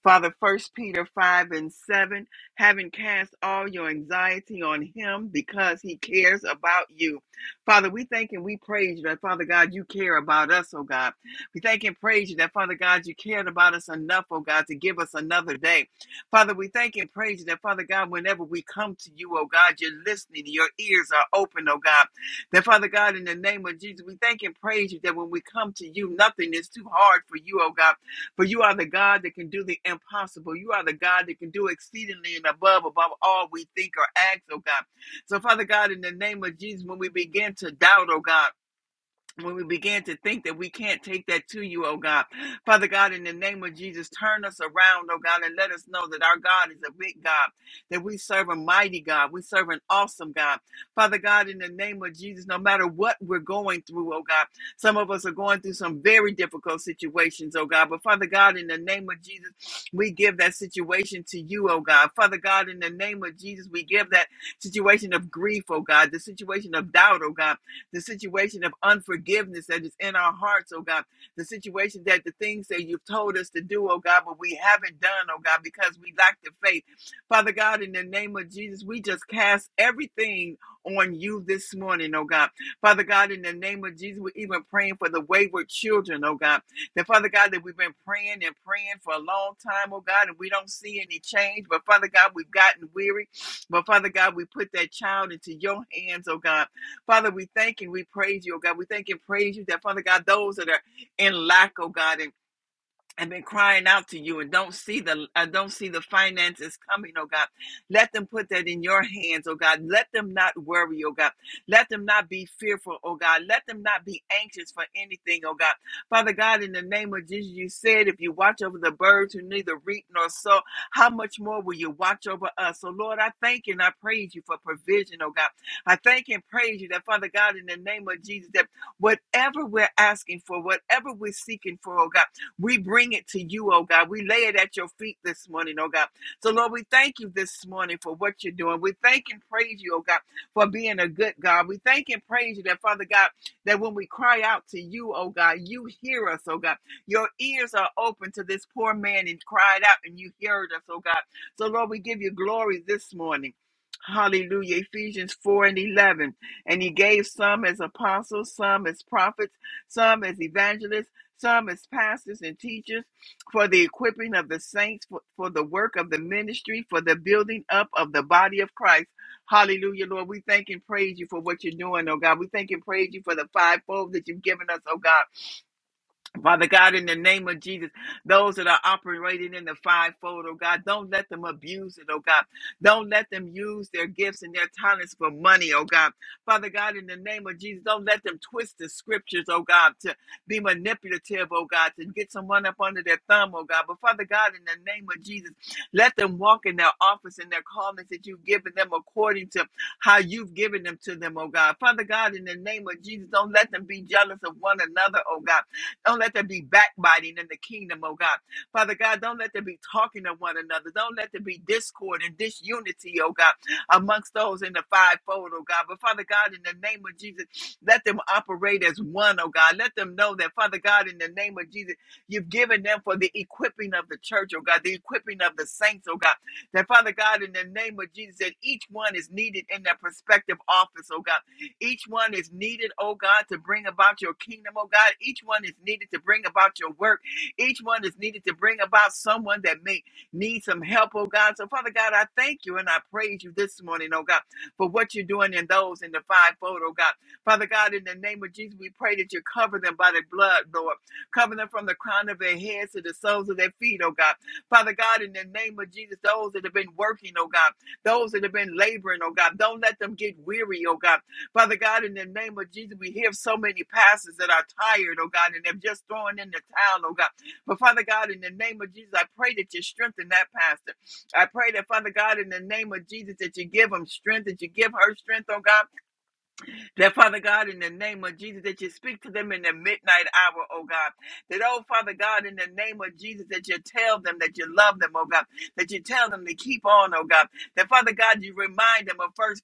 [SPEAKER 4] Father, First Peter 5 and 7, having cast all your anxiety on him because he cares about you. Father, we thank and we praise you that, Father God, you care about us, oh God. We thank and praise you that, Father God, you cared about us enough, oh God, to give us another day. Father, we thank and praise you that, Father God, whenever we come to you, oh God, you're listening, your ears are open, oh God. That, Father God, in the name of Jesus, we thank and praise you that when we come to you, nothing is too hard for you, oh God. For you are the God that can do the impossible. You are the God that can do exceedingly and above, above all we think or act, oh God. So, Father God, in the name of Jesus, when we begin to doubt, oh God, when we began to think that we can't take that to you, oh God. Father God, in the name of Jesus, turn us around, oh God, and let us know that our God is a big God, that we serve a mighty God, we serve an awesome God. Father God, in the name of Jesus, no matter what we're going through, oh God, some of us are going through some very difficult situations, oh God, but Father God, in the name of Jesus, we give that situation to you, oh God. Father God, in the name of Jesus, we give that situation of grief, oh God, the situation of doubt, oh God the situation of unforgiveness that is in our hearts, oh God, the situation that the things that you've told us to do, oh God, but we haven't done, oh God, because we lack the faith. Father God, in the name of Jesus, we just cast everything on you this morning, oh God. Father God, in the name of Jesus, we're even praying for the wayward children, oh God. That Father God, that we've been praying and praying for a long time, oh God, and we don't see any change. But Father God, we've gotten weary. But Father God, we put that child into your hands, oh God. Father, we thank and we praise you, oh God. We thank and praise you that, Father God, those that are in lack, oh God, and I've been crying out to you and don't see the I don't see the finances coming, oh God. Let them put that in your hands, oh God. Let them not worry, oh God. Let them not be fearful, oh God. Let them not be anxious for anything, oh God. Father God, in the name of Jesus, you said if you watch over the birds who neither reap nor sow, how much more will you watch over us? So Lord, I thank you and I praise you for provision, oh God. I thank and praise you that Father God, in the name of Jesus, that whatever we're asking for, whatever we're seeking for, oh God. We bring it to you, oh God. We lay it at your feet this morning, oh God. So, Lord, we thank you this morning for what you're doing. We thank and praise you, oh God, for being a good God. We thank and praise you that, Father God, that when we cry out to you, oh God, you hear us, oh God. Your ears are open to this poor man and cried out, and you heard us, oh God. So, Lord, we give you glory this morning. Hallelujah. Ephesians 4 and 11. And he gave some as apostles, some as prophets, some as evangelists some as pastors and teachers, for the equipping of the saints, for, for the work of the ministry, for the building up of the body of Christ. Hallelujah, Lord. We thank and praise you for what you're doing, oh God. We thank and praise you for the fivefold that you've given us, oh God. Father God, in the name of Jesus, those that are operating in the fivefold, oh God, don't let them abuse it, oh God. Don't let them use their gifts and their talents for money, oh God. Father God, in the name of Jesus, don't let them twist the scriptures, oh God, to be manipulative, oh God, to get someone up under their thumb, oh God. But Father God, in the name of Jesus, let them walk in their office and their callings that you've given them according to how you've given them to them, oh God. Father God, in the name of Jesus, don't let them be jealous of one another, oh God. Don't let there be backbiting in the kingdom, oh God. Father God, don't let there be talking to one another. Don't let there be discord and disunity, oh God, amongst those in the fivefold, oh God. But Father God, in the name of Jesus, let them operate as one, oh God. Let them know that, Father God, in the name of Jesus, you've given them for the equipping of the church, oh God, the equipping of the saints, oh God. That, Father God, in the name of Jesus, that each one is needed in their prospective office, oh God. Each one is needed, oh God, to bring about your kingdom, oh God. Each one is needed to bring about your work. Each one is needed to bring about someone that may need some help, oh God. So, Father God, I thank you and I praise you this morning, oh God, for what you're doing in those in the fivefold, oh God. Father God, in the name of Jesus, we pray that you cover them by the blood, Lord. Cover them from the crown of their heads to the soles of their feet, oh God. Father God, in the name of Jesus, those that have been working, oh God, those that have been laboring, oh God, don't let them get weary, oh God. Father God, in the name of Jesus, we hear of so many pastors that are tired, oh God, and they're just throwing in the towel, oh God. But Father God, in the name of Jesus, I pray that you strengthen that pastor. I pray that, Father God, in the name of Jesus, that you give him strength, that you give her strength, oh God that Father God, in the name of Jesus, that you speak to them in the midnight hour, oh God. That, oh Father God, in the name of Jesus, that you tell them that you love them, oh God. That you tell them to keep on, oh God. That Father God, you remind them of first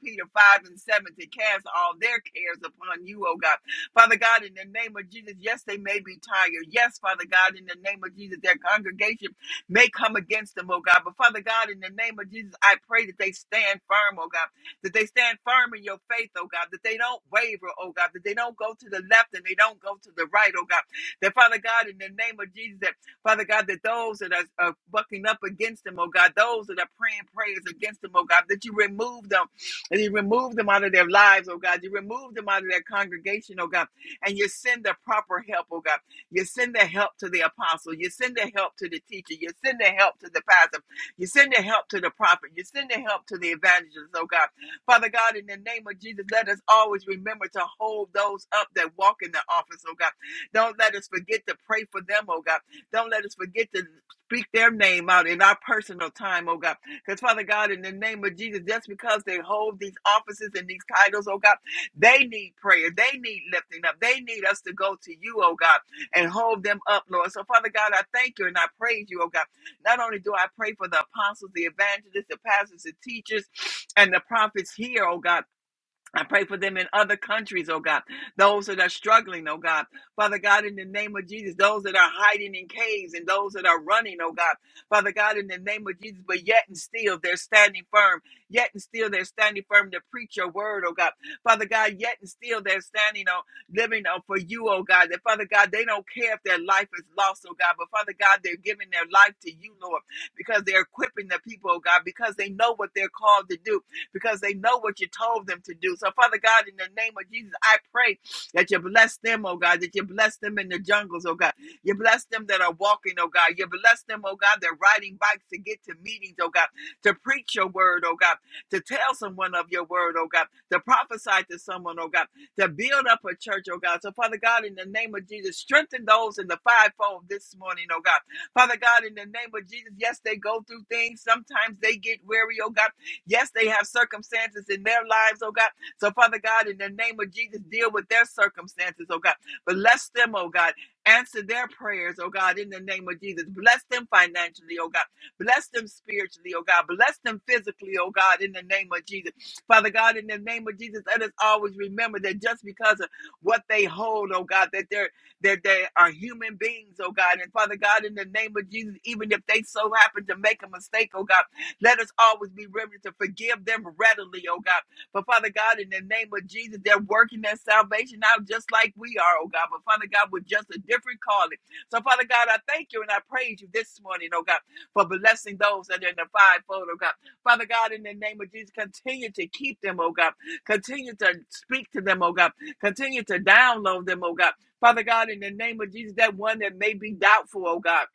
[SPEAKER 4] Peter five and seven to cast all their cares upon you, oh God. Father God, in the name of Jesus, yes, they may be tired. Yes, Father God, in the name of Jesus, their congregation may come against them, oh God. But Father God, in the name of Jesus, I pray that they stand firm, oh God that they stand firm in your faith, oh God, that they don't waver, oh God, that they don't go to the left and they don't go to the right, oh God. That Father God, in the name of Jesus, that Father God, that those that are, are bucking up against them, oh God, those that are praying prayers against them, oh God, that you remove them and you remove them out of their lives, oh God, you remove them out of their congregation, oh God, and you send the proper help, oh God. You send the help to the apostle, you send the help to the teacher, you send the help to the pastor, you send the help to the prophet. You send the help to the evangelists, oh God. Father God, in the name of Jesus, let us always remember to hold those up that walk in the office, oh God. Don't let us forget to pray for them, oh God. Don't let us forget to speak their name out in our personal time, oh God. Because, Father God, in the name of Jesus, just because they hold these offices and these titles, oh God, they need prayer. They need lifting up. They need us to go to you, oh God, and hold them up, Lord. So, Father God, I thank you and I praise you, oh God. Not only do I pray for the apostles, the evangelists, the pastors, the teachers, and the prophets here, oh God. I pray for them in other countries, oh God. Those that are struggling, oh God. Father God, in the name of Jesus, those that are hiding in caves and those that are running, oh God. Father God, in the name of Jesus, but yet and still they're standing firm. Yet and still they're standing firm to preach your word, oh God. Father God, yet and still they're standing on living uh, for you, oh God. That Father God, they don't care if their life is lost, oh God. But Father God, they're giving their life to you, Lord, because they're equipping the people, oh God, because they know what they're called to do because they know what you told them to do. So, Father God, in the name of Jesus, I pray that you bless them, oh God, that you bless them in the jungles, oh God. You bless them that are walking, oh God. You bless them, oh God, that are riding bikes to get to meetings, oh God, to preach your word, oh God, to tell someone of your word, oh God, to prophesy to someone, oh God, to build up a church, oh God. So, Father God, in the name of Jesus, strengthen those in the fivefold this morning, oh God. Father God, in the name of Jesus, yes, they go through things. Sometimes they get weary, oh God. Yes, they have circumstances in their lives, oh God. So, Father God, in the name of Jesus, deal with their circumstances, oh God. Bless them, oh God. Answer their prayers, oh God, in the name of Jesus. Bless them financially, oh God. Bless them spiritually, oh God. Bless them physically, oh God, in the name of Jesus. Father God, in the name of Jesus, let us always remember that just because of what they hold, oh God, that they're that they are human beings, oh God. And Father God, in the name of Jesus, even if they so happen to make a mistake, oh God. Let us always be ready to forgive them readily, oh God. But Father God, in the name of Jesus, they're working their salvation out just like we are, oh God. But Father God, with just a different calling. So Father God, I thank you and I praise you this morning, oh God, for blessing those that are in the fivefold, oh God. Father God, in the name of Jesus, continue to keep them, oh God. Continue to speak to them, oh God. Continue to download them, oh God. Father God, in the name of Jesus, that one that may be doubtful, oh God.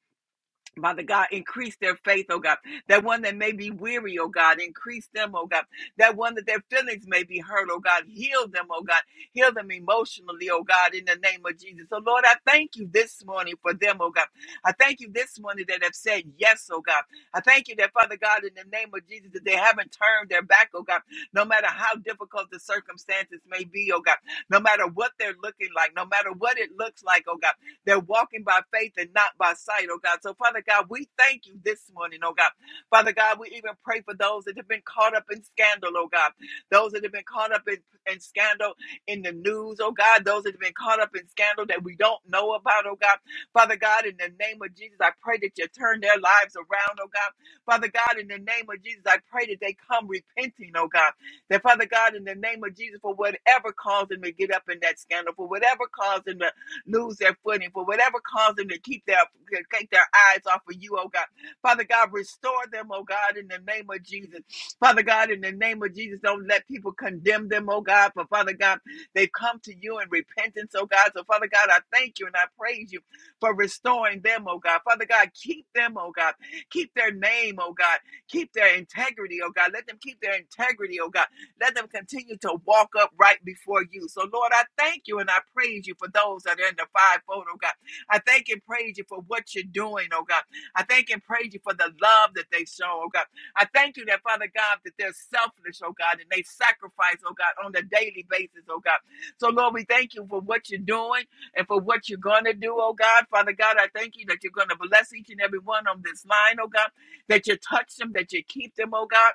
[SPEAKER 4] Father God, increase their faith, oh God. That one that may be weary, oh God, increase them, oh God. That one that their feelings may be hurt, oh God, heal them, oh God. Heal them emotionally, oh God, in the name of Jesus. So, Lord, I thank you this morning for them, oh God. I thank you this morning that have said yes, oh God. I thank you that, Father God, in the name of Jesus, that they haven't turned their back, oh God. No matter how difficult the circumstances may be, oh God. No matter what they're looking like, no matter what it looks like, oh God. They're walking by faith and not by sight, oh God. So, Father God, we thank you this morning, oh God. Father God, we even pray for those that have been caught up in scandal, oh God. Those that have been caught up in, in scandal in the news, oh God. Those that have been caught up in scandal that we don't know about, oh God. Father God, in the name of Jesus, I pray that you turn their lives around, oh God. Father God, in the name of Jesus, I pray that they come repenting, oh God. That Father God, in the name of Jesus, for whatever caused them to get up in that scandal, for whatever caused them to lose their footing, for whatever caused them to keep their to take their eyes off of you, oh God. Father God, restore them, oh God, in the name of Jesus. Father God, in the name of Jesus, don't let people condemn them, oh God. But Father God, they've come to you in repentance, oh God. So Father God, I thank you and I praise you for restoring them, oh God. Father God, keep them, oh God. Keep their name, oh God. Keep their integrity, oh God. Let them keep their integrity, oh God. Let them continue to walk up right before you. So, Lord, I thank you and I praise you for those that are in the fivefold, oh God. I thank and praise you for what you're doing, oh God. I thank and praise you for the love that they show, oh God. I thank you that, Father God, that they're selfless, oh God, and they sacrifice, oh God, on a daily basis, oh God. So, Lord, we thank you for what you're doing and for what you're going to do, oh God. Father God, I thank you that you're going to bless each and every one on this line, oh God, that you touch them, that you keep them, oh God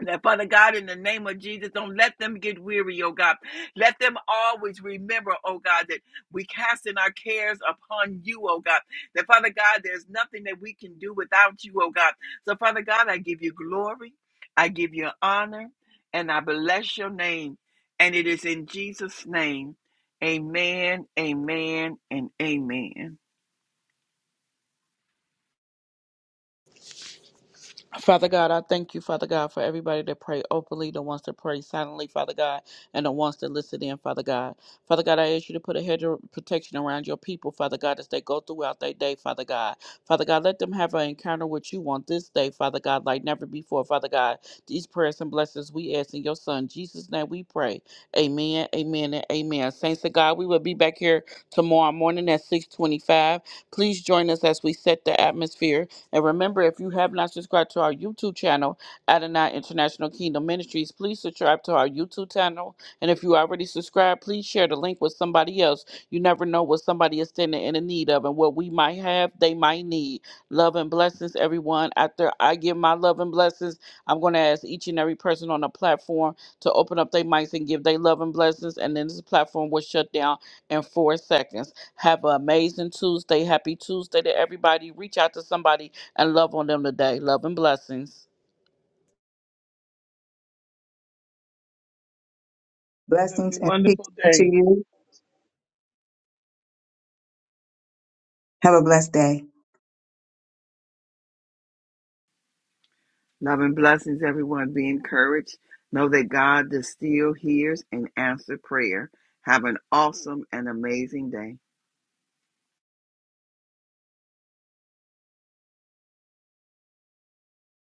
[SPEAKER 4] that Father God, in the name of Jesus, don't let them get weary, oh God. Let them always remember, oh God, that we casting our cares upon you, oh God. That Father God, there's nothing that we can do without you, oh God. So Father God, I give you glory, I give you honor, and I bless your name. And it is in Jesus' name. Amen, amen, and amen.
[SPEAKER 5] Father God, I thank you, Father God, for everybody that pray openly, the ones that wants to pray silently, Father God, and the ones that wants to listen in, Father God. Father God, I ask you to put a hedge of protection around your people, Father God, as they go throughout their day, Father God. Father God, let them have an encounter with you on this day, Father God, like never before, Father God. These prayers and blessings we ask in your Son, Jesus' name we pray. Amen, amen, and amen. Saints of God, we will be back here tomorrow morning at 625. Please join us as we set the atmosphere. And remember, if you have not subscribed to our YouTube channel, Adonai International Kingdom Ministries, please subscribe to our YouTube channel. And if you already subscribed, please share the link with somebody else. You never know what somebody is standing in the need of and what we might have, they might need. Love and blessings, everyone. After I give my love and blessings, I'm going to ask each and every person on the platform to open up their mics and give their love and blessings. And then this platform will shut down in four seconds. Have an amazing Tuesday. Happy Tuesday to everybody. Reach out to somebody and love on them today. Love and blessings.
[SPEAKER 3] Have
[SPEAKER 2] Blessings
[SPEAKER 3] a
[SPEAKER 2] and peace
[SPEAKER 3] wonderful day.
[SPEAKER 2] to you. Have a blessed day.
[SPEAKER 4] Love and blessings, everyone. Be encouraged. Know that God still hears and answers prayer. Have an awesome and amazing day.